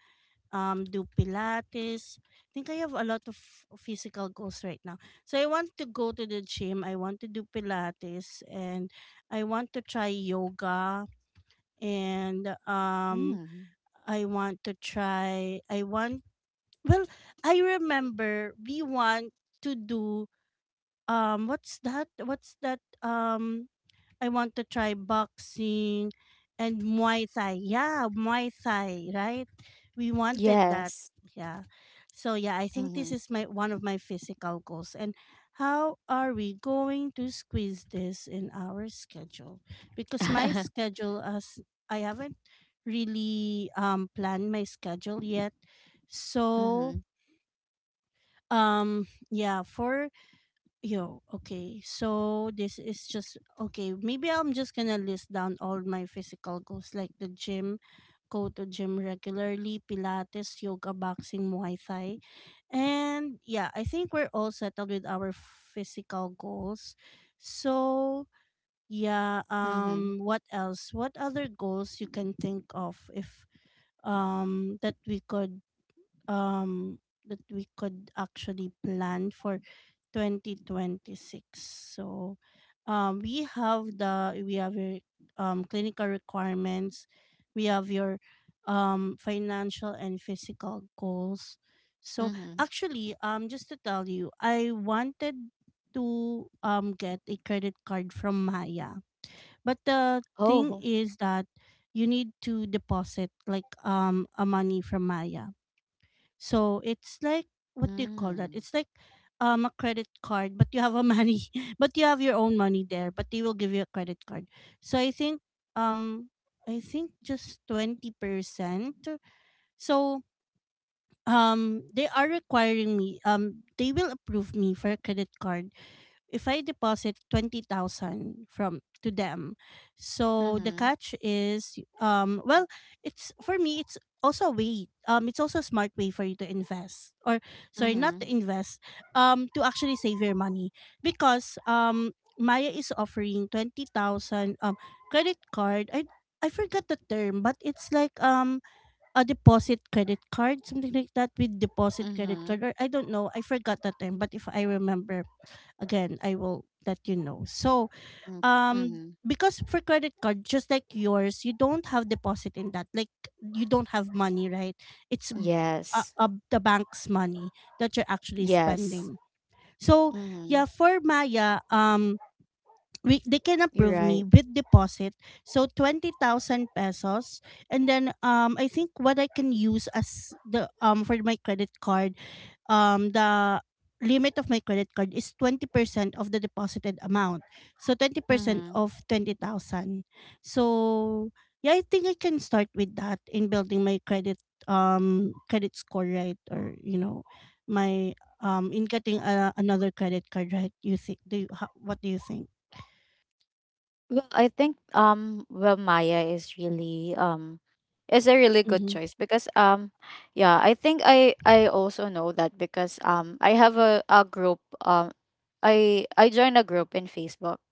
[SPEAKER 1] do Pilates. I think I have a lot of physical goals right now. So I want to go to the gym. I want to do Pilates, and I want to try yoga, and
[SPEAKER 2] Mm-hmm.
[SPEAKER 1] I want to try, well, I remember we want to do, what's that? What's that? I want to try boxing and Muay Thai. Yeah, Muay Thai, right? We wanted that.
[SPEAKER 2] Yes.
[SPEAKER 1] Yeah. So yeah, I think this
[SPEAKER 2] Mm-hmm.
[SPEAKER 1] is my one of my physical goals. And how are we going to squeeze this in our schedule? Because my schedule as I haven't really planned my schedule yet. So
[SPEAKER 2] Mm-hmm.
[SPEAKER 1] yeah, for Yo, okay. So this is just okay. Maybe I'm just gonna list down all my physical goals like the gym, go to gym regularly, Pilates, yoga, boxing, Muay Thai. And yeah, I think we're all settled with our physical goals. So yeah,
[SPEAKER 2] Mm-hmm.
[SPEAKER 1] what else? What other goals you can think of if um that we could um that we could actually plan for 2026? So we have your clinical requirements. We have your financial and physical goals. So
[SPEAKER 2] Mm-hmm.
[SPEAKER 1] actually, just to tell you, I wanted to get a credit card from Maya, but the thing
[SPEAKER 2] Oh.
[SPEAKER 1] is that you need to deposit like a money from Maya. So it's like, what do you call that?
[SPEAKER 2] Mm-hmm.
[SPEAKER 1] It's like a credit card, but you have a money, but you have your own money there, but they will give you a credit card. So I think um I think just 20%. So they are requiring me, they will approve me for a credit card if I deposit 20,000 from to them. So the
[SPEAKER 2] Mm-hmm.
[SPEAKER 1] catch is, well, it's for me, it's also a smart way for you to invest. Or sorry, not to
[SPEAKER 2] Mm-hmm.
[SPEAKER 1] invest, to actually save your money, because Maya is offering 20,000 credit card. I forgot the term, but it's like a deposit credit card, something like that, with deposit credit
[SPEAKER 2] Mm-hmm.
[SPEAKER 1] card. Or I don't know, I forgot the term, but if I remember again, I will let you know. So,
[SPEAKER 2] Mm-hmm.
[SPEAKER 1] because for credit card, just like yours, you don't have deposit in that. Like, you don't have money, right? It's
[SPEAKER 2] Yes.
[SPEAKER 1] the bank's money that you're actually
[SPEAKER 2] Yes.
[SPEAKER 1] spending. So
[SPEAKER 2] Mm-hmm.
[SPEAKER 1] yeah, for Maya, we they can
[SPEAKER 2] You're
[SPEAKER 1] approve
[SPEAKER 2] right.
[SPEAKER 1] me with deposit. So 20,000 pesos, and then, I think what I can use as the for my credit card, the limit of my credit card is 20% of the deposited amount. So 20%
[SPEAKER 2] Mm-hmm.
[SPEAKER 1] of 20,000. So yeah, I think I can start with that in building my credit score, right? Or my, in getting another credit card, right? You think, do you, how, what do you think?
[SPEAKER 2] Well, I think well, Maya is really is a really good
[SPEAKER 1] Mm-hmm.
[SPEAKER 2] choice because yeah, I think I also know that because I have a group, um, I joined a group in Facebook.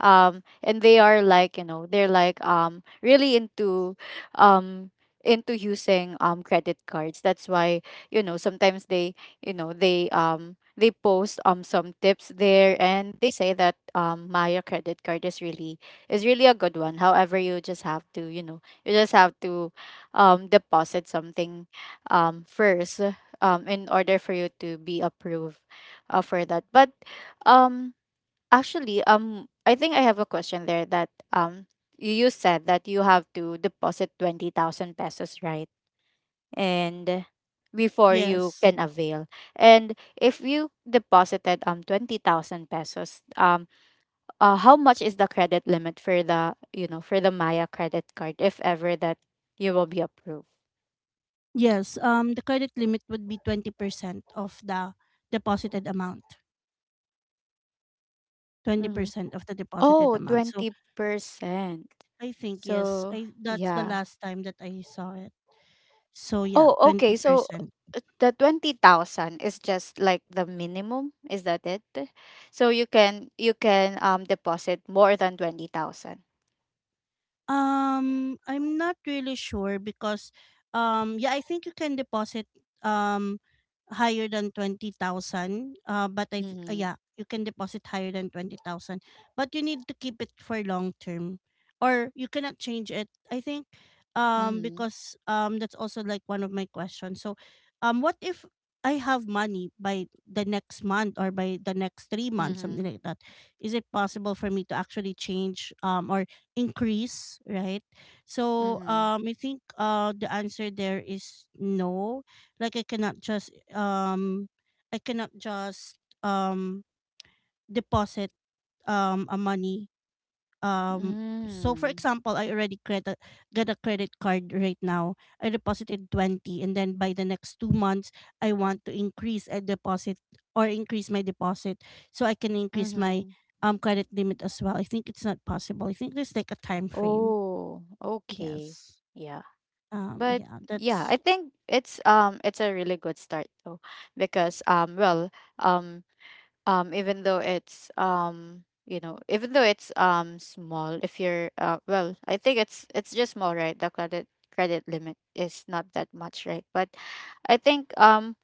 [SPEAKER 2] And they are like, you know, they're like really um into using credit cards. That's why, you know, sometimes you know, they post some tips there, and they say that Maya credit card is really, is really a good one. However, you just have to, you know, you just have to deposit something first in order for you to be approved for that. But um actually, I think I have a question there, that you, you said that you have to deposit 20,000 pesos, right? And before
[SPEAKER 1] Yes,
[SPEAKER 2] you can avail. And if you deposited 20,000 pesos, how much is the credit limit for the, you know, for the Maya credit card if ever that you will be approved?
[SPEAKER 1] yes, the credit limit would be 20% of the deposited amount.
[SPEAKER 2] Mm-hmm.
[SPEAKER 1] 20% of the deposited
[SPEAKER 2] Oh,
[SPEAKER 1] amount. So
[SPEAKER 2] 20%.
[SPEAKER 1] I think yes.
[SPEAKER 2] So,
[SPEAKER 1] I that's the
[SPEAKER 2] yeah.
[SPEAKER 1] last time that I saw it. So yeah,
[SPEAKER 2] Oh, okay. So
[SPEAKER 1] 20%.
[SPEAKER 2] the 20,000 is just like the minimum, is that it? So you can, you can deposit more than 20,000.
[SPEAKER 1] I'm not really sure, because yeah, I think you can deposit um higher than 20,000.
[SPEAKER 2] Mhm.
[SPEAKER 1] Yeah, you can deposit higher than 20,000, but you need to keep it for long term, or you cannot change it. I think,
[SPEAKER 2] Mhm.
[SPEAKER 1] because that's also like one of my questions. So what if I have money by the next month, or by the next 3 months, something
[SPEAKER 2] Mhm.
[SPEAKER 1] like that? Is it possible for me to actually change, or increase, right? So
[SPEAKER 2] Mhm.
[SPEAKER 1] I think the answer there is no. Like, I cannot just deposit a money, um so for
[SPEAKER 2] Mm.
[SPEAKER 1] example, I already credit get a credit card right now. I deposited 20, and then by the next 2 months I want to increase a deposit, or increase my deposit, so I can increase my
[SPEAKER 2] Mhm.
[SPEAKER 1] credit limit as well. I think it's not possible. I think there's like a time frame.
[SPEAKER 2] Oh, okay.
[SPEAKER 1] Yes.
[SPEAKER 2] Yeah. But
[SPEAKER 1] Yeah,
[SPEAKER 2] yeah,
[SPEAKER 1] that's
[SPEAKER 2] I think it's a really good start though, because um um, even though it's you know, even though it's small, if you're, I think it's just small, right, the credit limit is not that much, right? But I think um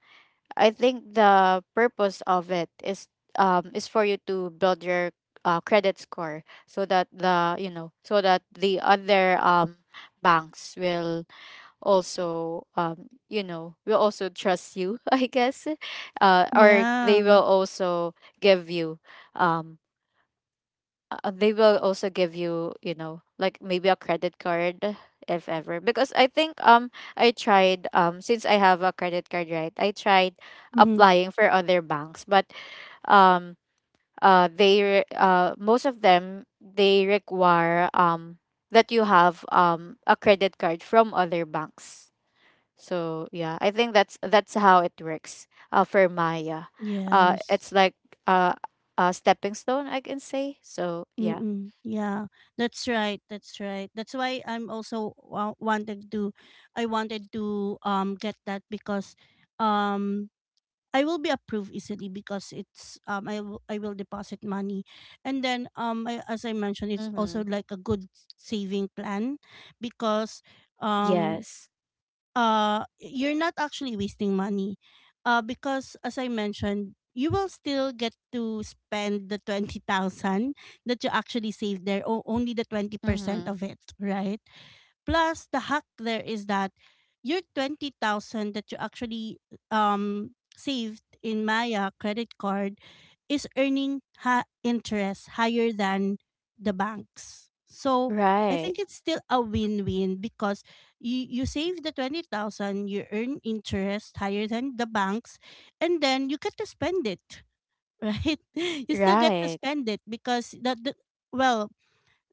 [SPEAKER 2] I think the purpose of it is for you to build your credit score, so that the, you know, so that the other banks will also you know, will also trust you I guess. Or they
[SPEAKER 1] yeah.
[SPEAKER 2] will also give you um they will also give you, you know, like maybe a credit card if ever, because I think um, I tried since I have a credit card, right, I tried
[SPEAKER 1] Hmm.
[SPEAKER 2] applying for other banks, but um, most of them, they require that you have a credit card from other banks. So yeah, I think that's how it works, for Maya.
[SPEAKER 1] Yes.
[SPEAKER 2] It's like uh, a stepping stone, I can say. So yeah.
[SPEAKER 1] Mm-mm. Yeah, that's right. That's right. That's why I'm also I wanted to get that, because, um, I will be approved easily, because it's I will deposit money. And then as I mentioned, it's
[SPEAKER 2] Mm-hmm.
[SPEAKER 1] also like a good saving plan, because um
[SPEAKER 2] Yes.
[SPEAKER 1] you're not actually wasting money, because as I mentioned, you will still get to spend the 20,000 that you actually saved there, or only the 20%
[SPEAKER 2] Mm-hmm.
[SPEAKER 1] of it, right? Plus, the hack there is that your 20,000 that you actually um saved in Maya credit card is earning interest higher than the banks. So I
[SPEAKER 2] Right.
[SPEAKER 1] think it's still a win-win, because you save the 20,000, you earn interest higher than the banks, and then you get to spend it, right? You still get to
[SPEAKER 2] Right.
[SPEAKER 1] spend it because that the... Well,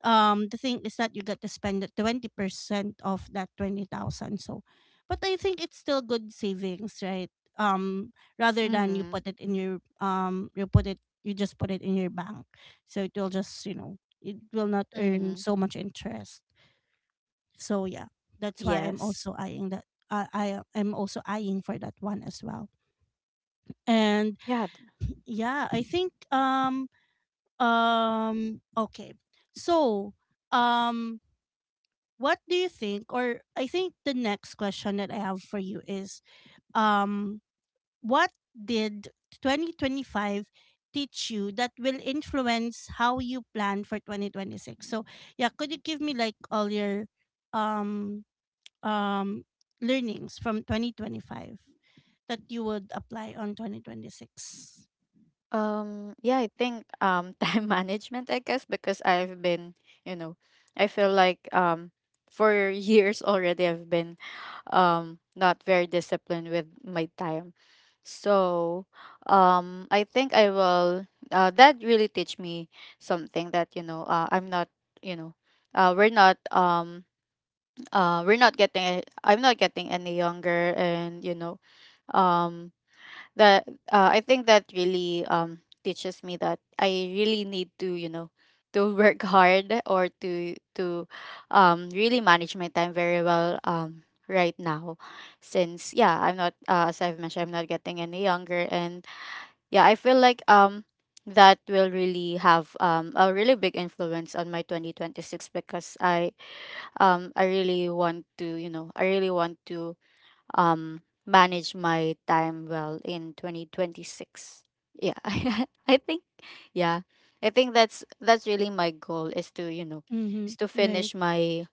[SPEAKER 1] the thing is that you got to spend the 20% of that 20,000. So, but I think it's still good savings, right? um Rather than you
[SPEAKER 2] Mm-hmm.
[SPEAKER 1] put it in your, you just put it in your bank, so it will not earn
[SPEAKER 2] Mm-hmm.
[SPEAKER 1] so much interest. So yeah, that's why I'm
[SPEAKER 2] Yes.
[SPEAKER 1] also eyeing that. I am also eyeing for that one as well. And
[SPEAKER 2] Yeah.
[SPEAKER 1] yeah, I think okay. So um What do you think or I think the next question that I have for you is, um what did 2025 teach you that will influence how you plan for 2026? So, yeah, could you give me like all your um um learnings from 2025 that you would apply on 2026?
[SPEAKER 2] Yeah. I think time management, I guess, because I've been, you know, I feel like for years already I've been not very disciplined with my time. So um, I think I will, that really teach me something, that you know, I'm not you know uh, we're not um we're not getting I'm not getting any younger, and you know, um that I think that really teaches me that I really need to, you know, to work hard, or to really manage my time very well right now, since yeah, I'm not, as I've mentioned, I'm not getting any younger, and yeah, I feel like that will really have a really big influence on my 2026, because I really want to, you know, I really want to manage my time well in 2026. Yeah, I think, yeah, I think that's really my goal, is to, you know, is
[SPEAKER 1] Mhm.
[SPEAKER 2] to
[SPEAKER 1] Right.
[SPEAKER 2] finish my,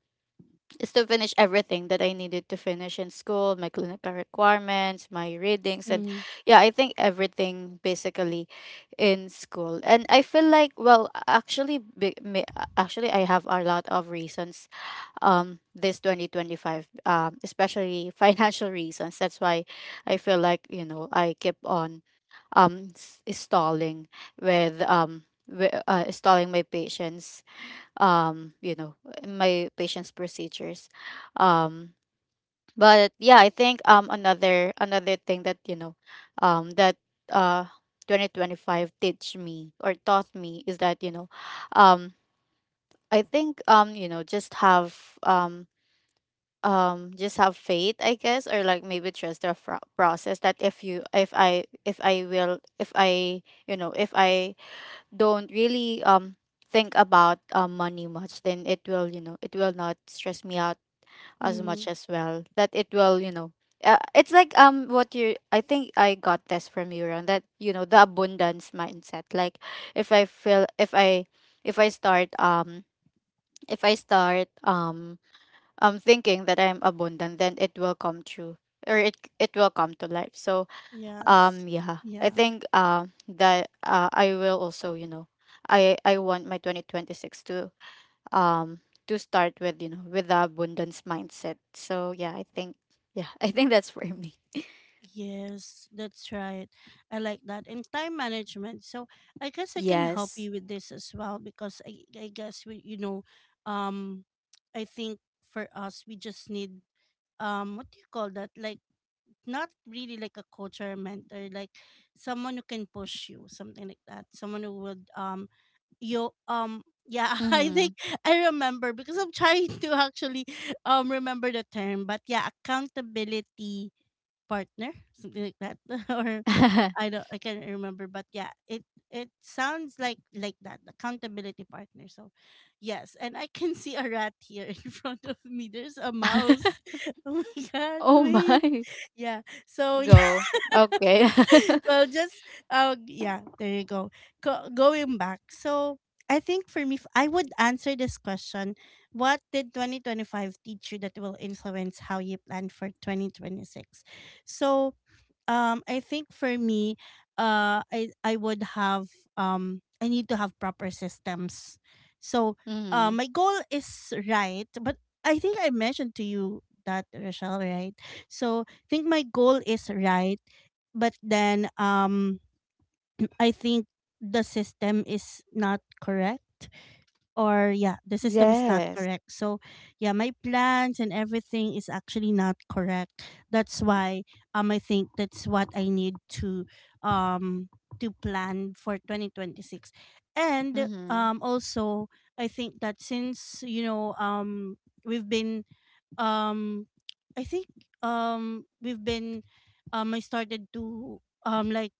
[SPEAKER 2] is to finish everything that I needed to finish in school, my clinical requirements, my readings, and
[SPEAKER 1] Mhm.
[SPEAKER 2] yeah, I think everything basically in school. And I feel like, well, actually I have a lot of reasons this 2025, especially financial reasons, that's why I feel like, you know, I keep on stalling stalling my patients, you know, my patients procedures. um but yeah, I think um, another thing that, you know, that uh 2025 teach me or taught me is that, you know, um, I think you know, just have um um, just have faith, I guess, or like maybe trust the process, that if you if I will if I you know if I don't really think about, money much, then it will, you know, it will not stress me out as much
[SPEAKER 1] Mhm.
[SPEAKER 2] as well. That it will, you know, it's like what you, I think I got this from you, Ron, that you know, the abundance mindset, like if I feel if i start um if I start thinking that I'm abundant, then it will come true, or it will come to life. So
[SPEAKER 1] Yes.
[SPEAKER 2] yeah,
[SPEAKER 1] Yeah.
[SPEAKER 2] I think that I will also, you know, I want my 2026 um to start with, you know, with the abundance mindset. So yeah, I think, yeah, I think that's for me.
[SPEAKER 1] Yes, that's right. I like that. And time management. So I guess I can help you
[SPEAKER 2] Yes.
[SPEAKER 1] with this as well, because I guess um I think for us, we just need, what do you call that? Like, not really like a coach or a mentor, like someone who can push you, something like that. Someone who would you, yeah, I
[SPEAKER 2] Mm-hmm.
[SPEAKER 1] think I remember, because I'm trying to actually remember the term. But yeah, accountability partner, something like that, or I can't remember. But yeah, it sounds like that accountability partner. So, yes, and I can see a rat here in front of me. There's a mouse. Oh my god!
[SPEAKER 2] Oh
[SPEAKER 1] Wait,
[SPEAKER 2] my,
[SPEAKER 1] yeah. So yeah,
[SPEAKER 2] go, okay.
[SPEAKER 1] well, just yeah. There you go. Going back, so I think for me, I would answer this question: What did 2025 teach you that will influence how you plan for 2026? So I think for me, uh, I I would have I need to have proper systems. So,
[SPEAKER 2] Mm-hmm.
[SPEAKER 1] my goal is right, but I think I mentioned to you that, Rochelle, right? So I think my goal is right, but then, I think the system is not correct, or yeah, the system is not
[SPEAKER 2] Yes.
[SPEAKER 1] correct. So yeah, my plans and everything is actually not correct. That's why I think that's what I need to, um to plan for 2026. And
[SPEAKER 2] Mm-hmm.
[SPEAKER 1] also I think that since we've been um I think we've been I started to, like,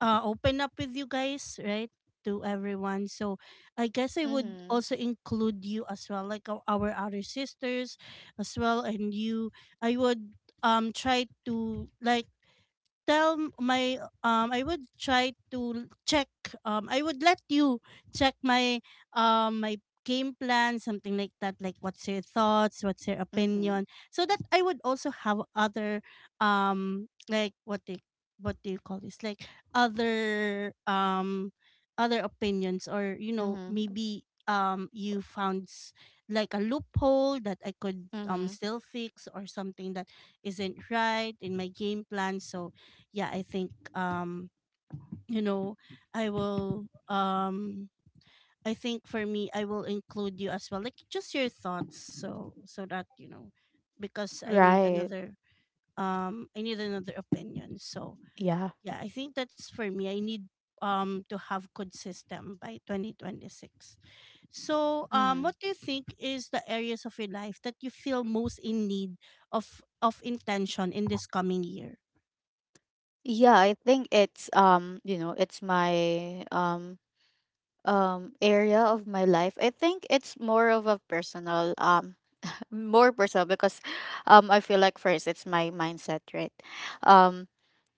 [SPEAKER 1] open up with you guys, right? To everyone. So I guess I would
[SPEAKER 2] Mm-hmm.
[SPEAKER 1] also include you as well, like our other sisters as well. And you, I would try to like tell my, I would try to check, I would let you check my game plan, something like that, like, what's your thoughts, what's your
[SPEAKER 2] Mm-hmm.
[SPEAKER 1] opinion, so that I would also have other like, what they, what do you call this, like other, other opinions, or maybe you found like a loophole that I could
[SPEAKER 2] Mm-hmm.
[SPEAKER 1] still fix, or something that isn't right in my game plan. So yeah, I think, you know, I will um I think for me, I will include you as well. Like just your thoughts, so that, because I need
[SPEAKER 2] Right.
[SPEAKER 1] another opinion. So
[SPEAKER 2] Yeah.
[SPEAKER 1] yeah, I think that's for me. I need to have good system by 2026. So
[SPEAKER 2] Hmm.
[SPEAKER 1] what do you think is the areas of your life that you feel most in need of intention in this coming year?
[SPEAKER 2] Yeah, I think it's you know, it's my um, area of my life. I think it's more of a personal more personal, because I feel like first it's my mindset, right? Um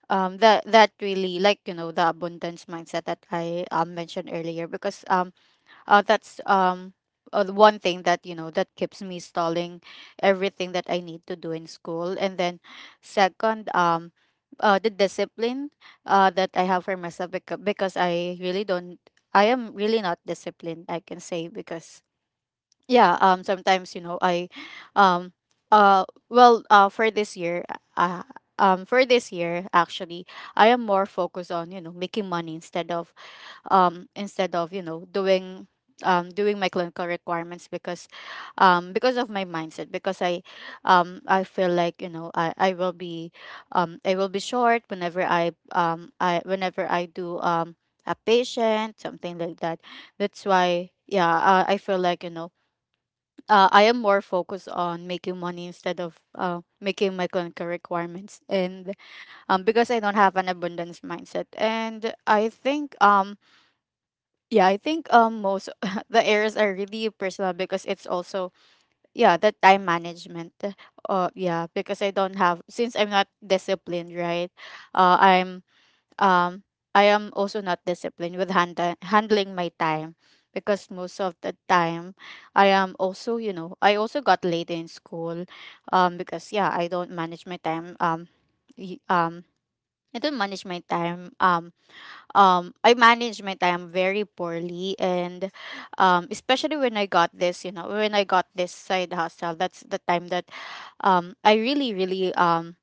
[SPEAKER 2] um, that that really like, you know, the abundance mindset that I mentioned earlier, because that's the one thing that, you know, that keeps me stalling everything that I need to do in school. And then second, the discipline that I have for myself, because I really don't, I am really not disciplined, I can say, because yeah, sometimes you know I um for this year, uh for this year actually, I am more focused on, you know, making money instead of instead of, you know, doing doing my clinical requirements, because of my mindset, because I feel like, you know, I will be um, I will be short whenever I whenever I do a patient, something like that. That's why, yeah, I feel like, you know, I am more focused on making money instead of, making my clinical requirements. And because I don't have an abundance mindset. And I think yeah, I think most, the errors are really personal, because it's also, yeah, the time management. Yeah, because I don't have, since I'm not disciplined, right. Uh I'm um I am also not disciplined with handling my time, because most of the time I am also, you know, I also got late in school, because yeah, I don't manage my time y- um I don't manage my time um, I managed my time very poorly. And especially when I got this, you know, when I got this side hustle, that's the time that I really, really um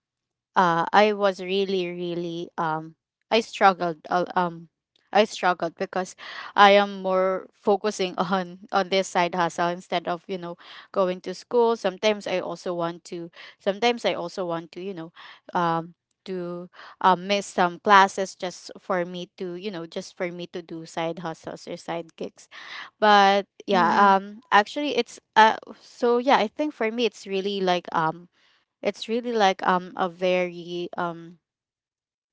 [SPEAKER 2] uh, I was really, really, I struggled. I struggled because I am more focusing on this side hustle, instead of, you know, going to school. Sometimes I also want to. Sometimes I also want um, to miss some classes just for me to you know just for me to do side hustles or side gigs. But yeah,
[SPEAKER 1] Mm-hmm.
[SPEAKER 2] actually, I think for me it's really like a very, um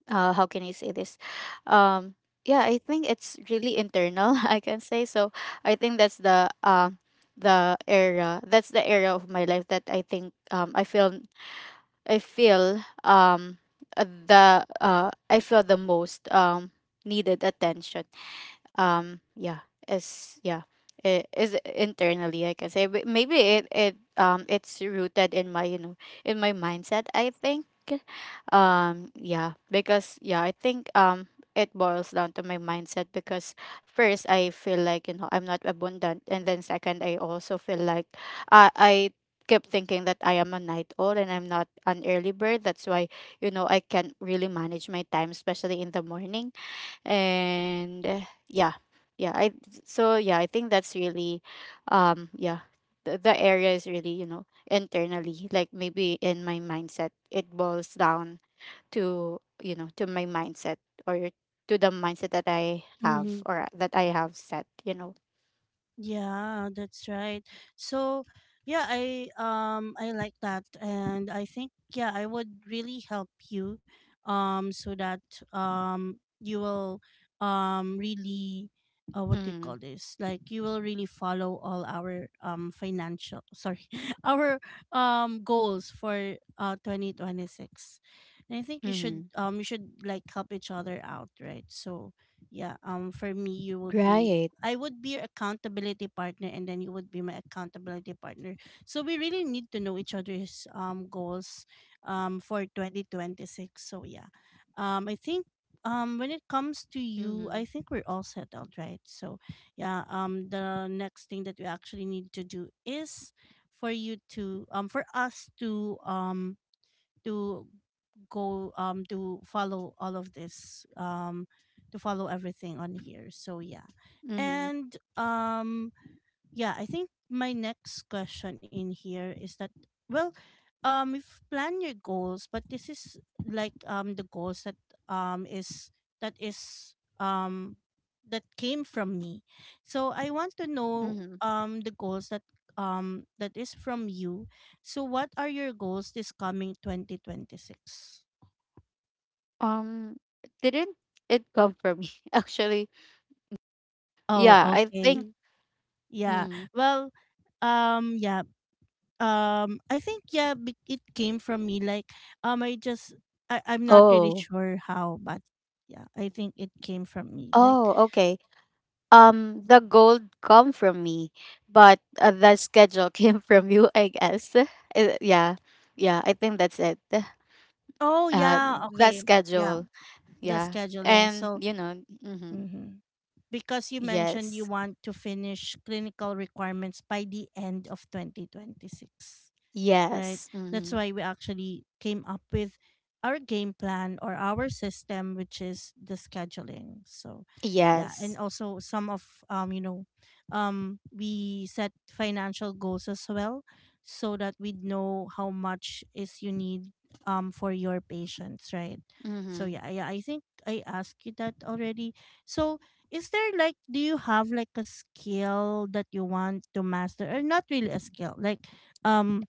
[SPEAKER 2] uh how can I say this? Um yeah, I think it's really internal, I can say. So I think that's the era of my life that I think I feel um I feel the most needed attention, yeah, is yeah is internally, I can say. But maybe it's rooted in my, in my mindset, I think. Yeah, because yeah, I think it boils down to my mindset, because first I feel like, I'm not abundant, and then second I also feel like I kept thinking that I am a night owl and I'm not an early bird. That's why, I can't really manage my time, especially in the morning. And yeah, yeah I so yeah, I think that's really um yeah the area is really, internally, like maybe in my mindset it boils down to, to my mindset, or to the mindset that I have, or that I have set.
[SPEAKER 1] Yeah, that's right. So, yeah, I like that, and I think yeah, I would really help you so that you will really, what do you call
[SPEAKER 2] Mm.
[SPEAKER 1] this? Like, you will really follow all our financial, sorry, our goals for 2026. And I think you should
[SPEAKER 2] Mm.
[SPEAKER 1] um you should like help each other out, right? So, yeah, for me you would be
[SPEAKER 2] Right.
[SPEAKER 1] I would be your accountability partner, and then you would be my accountability partner. So we really need to know each other's goals for 2026. So yeah. I think when it comes to you,
[SPEAKER 2] Mm-hmm.
[SPEAKER 1] I think we're all settled, right? So yeah, the next thing that we actually need to do is for us to to go to follow all of this, to follow everything on here. So yeah.
[SPEAKER 2] Mm-hmm.
[SPEAKER 1] and Yeah, I think my next question in here is that, well, if plan your goals, but this is like the goals that is that is that came from me. So I want to know
[SPEAKER 2] Mm-hmm.
[SPEAKER 1] the goals that that is from you. So what are your goals this coming 2026?
[SPEAKER 2] Um, it didn't It come from me? Actually,
[SPEAKER 1] Oh,
[SPEAKER 2] yeah, I think.
[SPEAKER 1] okay. Yeah.
[SPEAKER 2] Mm-hmm.
[SPEAKER 1] Well, yeah. I think yeah, it came from me, like, I just, I'm not really
[SPEAKER 2] Oh.
[SPEAKER 1] sure how, but yeah, I think it came from me, like,
[SPEAKER 2] Oh, okay. The gold come from me, but, the schedule came from you, I guess. Yeah, yeah, I think that's it.
[SPEAKER 1] oh
[SPEAKER 2] Uh,
[SPEAKER 1] yeah,
[SPEAKER 2] the
[SPEAKER 1] okay. Yeah,
[SPEAKER 2] schedule,
[SPEAKER 1] the
[SPEAKER 2] yeah,
[SPEAKER 1] scheduling.
[SPEAKER 2] and,
[SPEAKER 1] So,
[SPEAKER 2] mm-hmm.
[SPEAKER 1] mhm, because you mentioned you
[SPEAKER 2] Yes,
[SPEAKER 1] want to finish clinical requirements by the end of 2026, right?
[SPEAKER 2] yes, mm-hmm.
[SPEAKER 1] That's why we actually came up with our game plan or our system, which is the scheduling. So, yeah,
[SPEAKER 2] Yes,
[SPEAKER 1] and also some of, we set financial goals as well, so that we know how much is you need for your patients, right? So
[SPEAKER 2] mm-hmm.
[SPEAKER 1] yeah, yeah, I think I asked you that already. So, is there like, do you have like a skill that you want to master, or not really a skill, like, um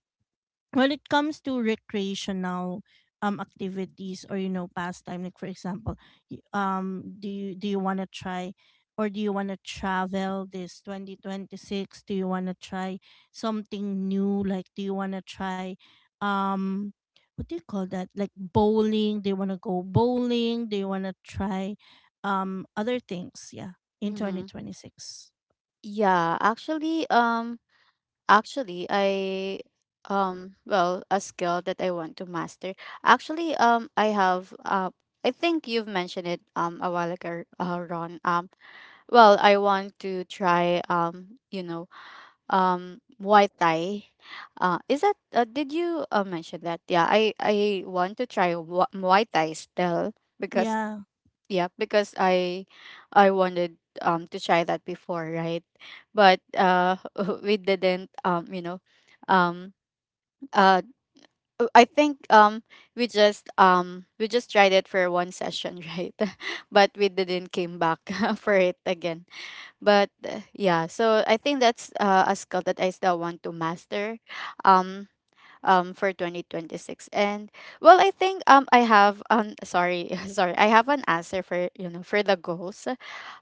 [SPEAKER 1] when it comes to recreational activities or you know pastime, like, for example, do you want to try, or do you want to travel this 2026, do you want to try something new, like, do you want to try, um what do you call that, like bowling, do you want to go bowling, do you want to try other things, yeah, in
[SPEAKER 2] Mm-hmm.
[SPEAKER 1] 2026?
[SPEAKER 2] Yeah. Actually, actually, I, well, a skill that I want to master. Actually, I think you've mentioned it a while ago, Ron. Well, I want to try, Muay Thai. Is that Did you, mention that? Yeah, I want to try Muay Thai still, because
[SPEAKER 1] Yeah.
[SPEAKER 2] yeah, because I wanted to try that before, right? But, we didn't, um uh I think we just tried it for one session, right? But we didn't came back for it again. But, yeah, so I think that's, a skill that I still want to master um for 2026. And well, I think I have sorry, sorry. I have an answer for, for the goals,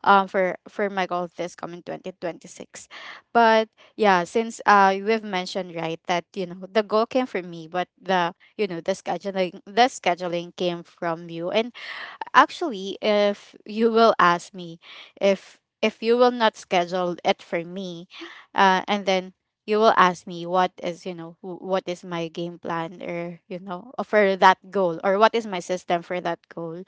[SPEAKER 2] for my goal this coming 2026. But yeah, since, we've mentioned, right, that, the goal came from me, but the, you know, the scheduling came from you. And actually, if you will ask me, if you will not schedule it for me, and then you will ask me what is, what is my game plan, or, for that goal, or what is my system for that goal,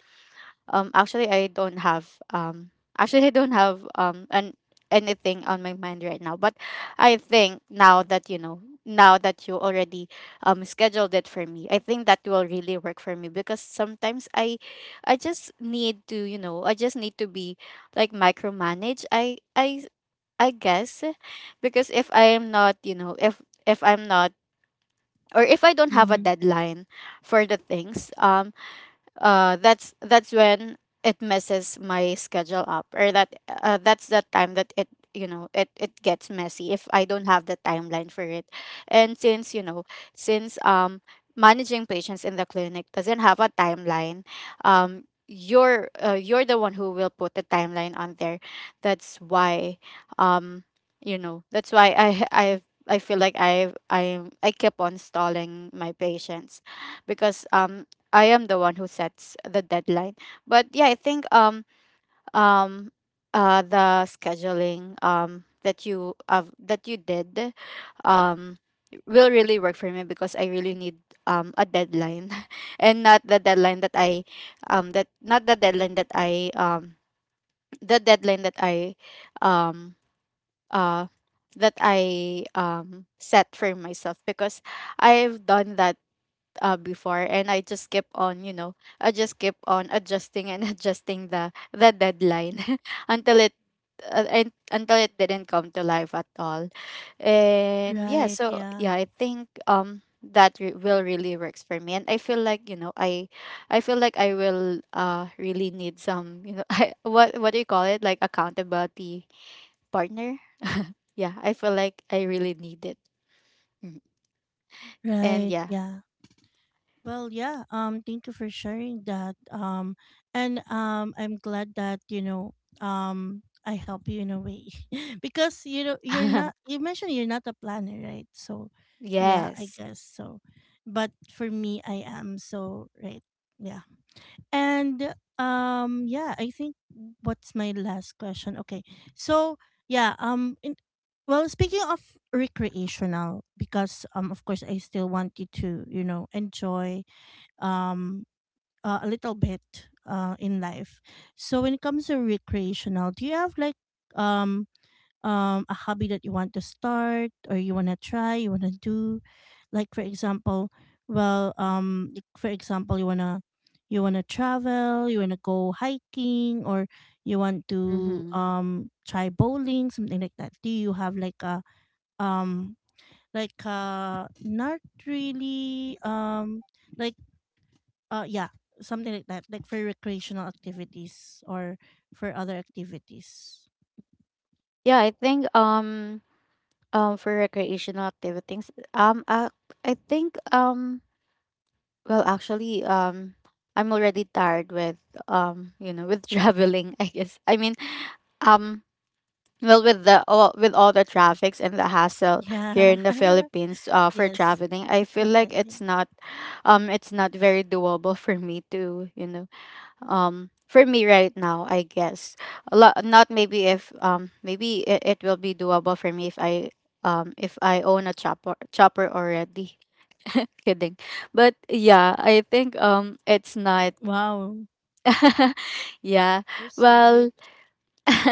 [SPEAKER 2] um, actually, I don't have um, actually, I don't have, an anything on my mind right now. But I think now that you already scheduled it for me, I think that will really work for me, because sometimes I just need to, I just need to be like micromanage. I guess, because if I am not, if I'm not, or if I don't have a
[SPEAKER 1] Mm-hmm.
[SPEAKER 2] deadline for the things, that's when it messes my schedule up. Or that, that's the time that it, it gets messy if I don't have the timeline for it. And since, since managing patients in the clinic doesn't have a timeline, you're the one who will put the timeline on there. That's why, um that's why I feel like I keep on stalling my patients, because I am the one who sets the deadline. But yeah, I think um the scheduling that you did um will really work for me, because I really need a deadline and not the deadline that I that not the deadline that I the deadline that I um uh that I set for myself, because I've done that, before, and I just kept on, I just kept on adjusting and adjusting the deadline until it, and until it didn't come to life at all. And yeah,
[SPEAKER 1] Right,
[SPEAKER 2] so
[SPEAKER 1] yeah.
[SPEAKER 2] yeah, I think will really works for me, and I feel like, I feel like I will, really need some, I, what do you call it? Like accountability partner. Yeah, I feel like I really need it. Mhm. And
[SPEAKER 1] Right,
[SPEAKER 2] yeah.
[SPEAKER 1] yeah. Well, yeah. Thank you for sharing that. And I'm glad that you know. I help you in a way because you know you're not. You mentioned you're not a planner, right? So, yeah, I
[SPEAKER 2] Yes.
[SPEAKER 1] guess so. But for me, I am. So right, yeah. And yeah. I think, what's my last question? Okay, so yeah. Well, speaking of recreational, because, of course, I still want you to you know enjoy um a little bit in life. So when it comes to recreational, do you have like um a hobby that you want to start, or you want to try, you want to do, like, for example, well, like, for example, you want to, you want to travel, you want to go hiking, or you want to
[SPEAKER 2] Mhm.
[SPEAKER 1] try bowling, something like that. Do you have like a, um like, not really, like yeah, something like that, like for recreational activities or for other activities.
[SPEAKER 2] Yeah, I think for recreational activities, I think well, actually, I'm already tired with, with traveling, I guess. I mean, um well, with all the traffics and the hassle here
[SPEAKER 1] Yeah.
[SPEAKER 2] in the Philippines. For
[SPEAKER 1] yes,
[SPEAKER 2] traveling, I feel like it's
[SPEAKER 1] definitely.
[SPEAKER 2] not, it's not very doable for me to, for me right now, I guess. A lot, not maybe if, maybe it will be doable for me if I own a chopper already. Kidding. But yeah, I think it's not.
[SPEAKER 1] Wow.
[SPEAKER 2] Yeah,
[SPEAKER 1] You're so
[SPEAKER 2] well,
[SPEAKER 1] rich.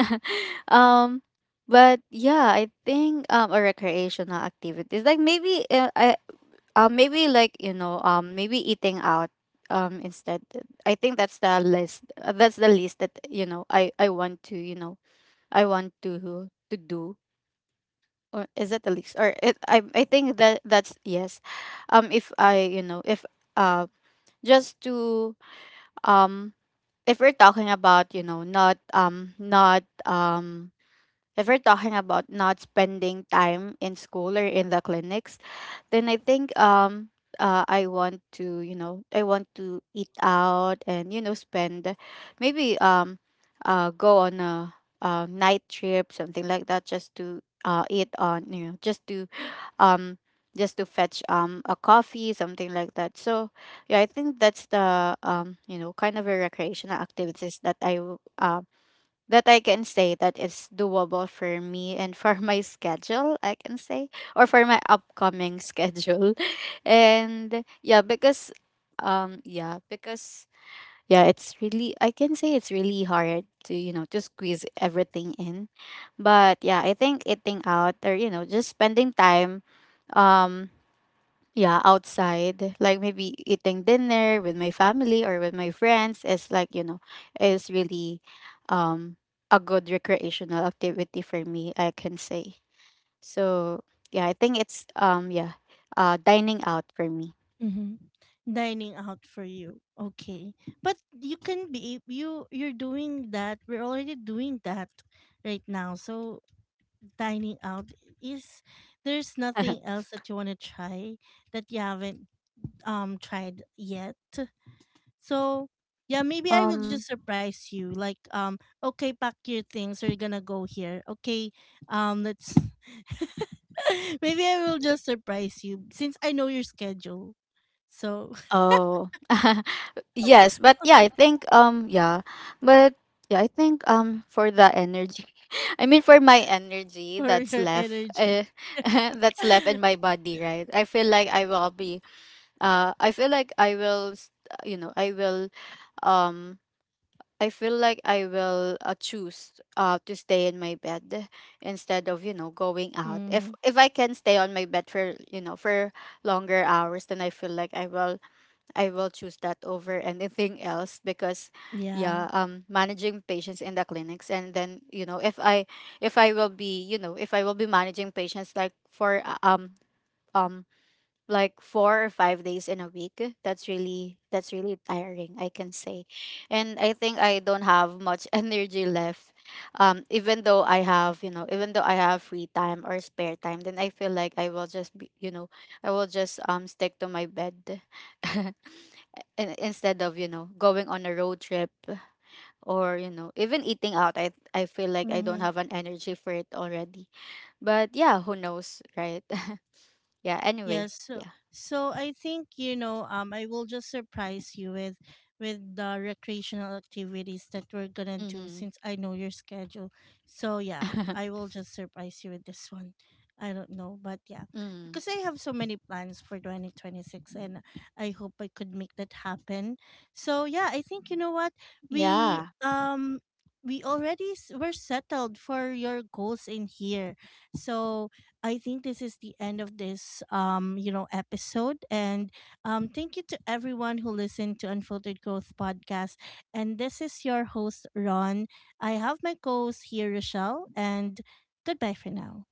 [SPEAKER 2] um but yeah, I think a recreational activities like maybe, maybe like, maybe eating out. Instead, I think that's the list. That's the least that, I want to, I want to do. Or is that the least? Or it, I think that's yes. If I you know if uh just to um if we're talking about, not not if we're talking about not spending time in school or in the clinics, then I think, I want to, I want to eat out, and, spend, maybe, go on a, night trip, something like that, just to, eat on, just to, um just to fetch, a coffee, something like that. So yeah, I think that's the, kind of a recreational activities that that I can say that is doable for me and for my schedule, I can say, or for my upcoming schedule. And yeah, because, yeah, because yeah, it's really, I can say it's really hard to, to squeeze everything in. But yeah, I think eating out, or, just spending time, um yeah, outside, like maybe eating dinner with my family or with my friends, is like, is really um a good recreational activity for me, I can say. So, yeah, I think it's, dining out for me.
[SPEAKER 1] Mm-hmm. Dining out for you. Okay. But you can be, you, you're doing that. We're already doing that right now. So dining out is, there's nothing else that you want to try that you haven't tried yet. So yeah, maybe I will just
[SPEAKER 2] Um
[SPEAKER 1] surprise you. Like, okay, pack your things. We're gonna go here. Okay, let's. maybe I will just surprise you since I know your schedule. So,
[SPEAKER 2] oh. Yes, but yeah, I think, yeah, but yeah, I think for the energy. I mean, for my energy
[SPEAKER 1] for
[SPEAKER 2] that's
[SPEAKER 1] your
[SPEAKER 2] left,
[SPEAKER 1] energy.
[SPEAKER 2] that's left in my body, right? I feel like I will s- you know i will um I feel like I will, choose to stay in my bed, instead of, going out.
[SPEAKER 1] hmm.
[SPEAKER 2] If I can stay on my bed for, for longer hours, then I feel like I will choose that over anything else, because
[SPEAKER 1] Yeah.
[SPEAKER 2] yeah, managing patients in the clinics, and then, if I will be, if I will be managing patients like for, um like 4 or 5 days in a week. That's really tiring, I can say. And I think I don't have much energy left, even though I have free time or spare time, then I feel like I will just be, I will just stick to my bed. Instead of, going on a road trip, or, even eating out, I feel like I don't
[SPEAKER 1] Hmm.
[SPEAKER 2] have an energy for it already. But yeah, who knows, right? Yeah, anyway.
[SPEAKER 1] Yes, so,
[SPEAKER 2] Yeah.
[SPEAKER 1] so I think, you know, I will just surprise you with the recreational activities that we're gonna do
[SPEAKER 2] Mm-hmm.
[SPEAKER 1] since I know your schedule. So yeah, I will just surprise you with this one. I don't know, but yeah,
[SPEAKER 2] Mm.
[SPEAKER 1] because I have so many plans for 2026, and I hope I could make that happen. So yeah, I think, you know what, we
[SPEAKER 2] Yeah.
[SPEAKER 1] um we're settled for your goals in here. So I think this is the end of this, you know, episode. And thank you to everyone who listened to Unfiltered Growth Podcast. And this is your host, Ron. I have my co-host here, Rochelle, and goodbye for now.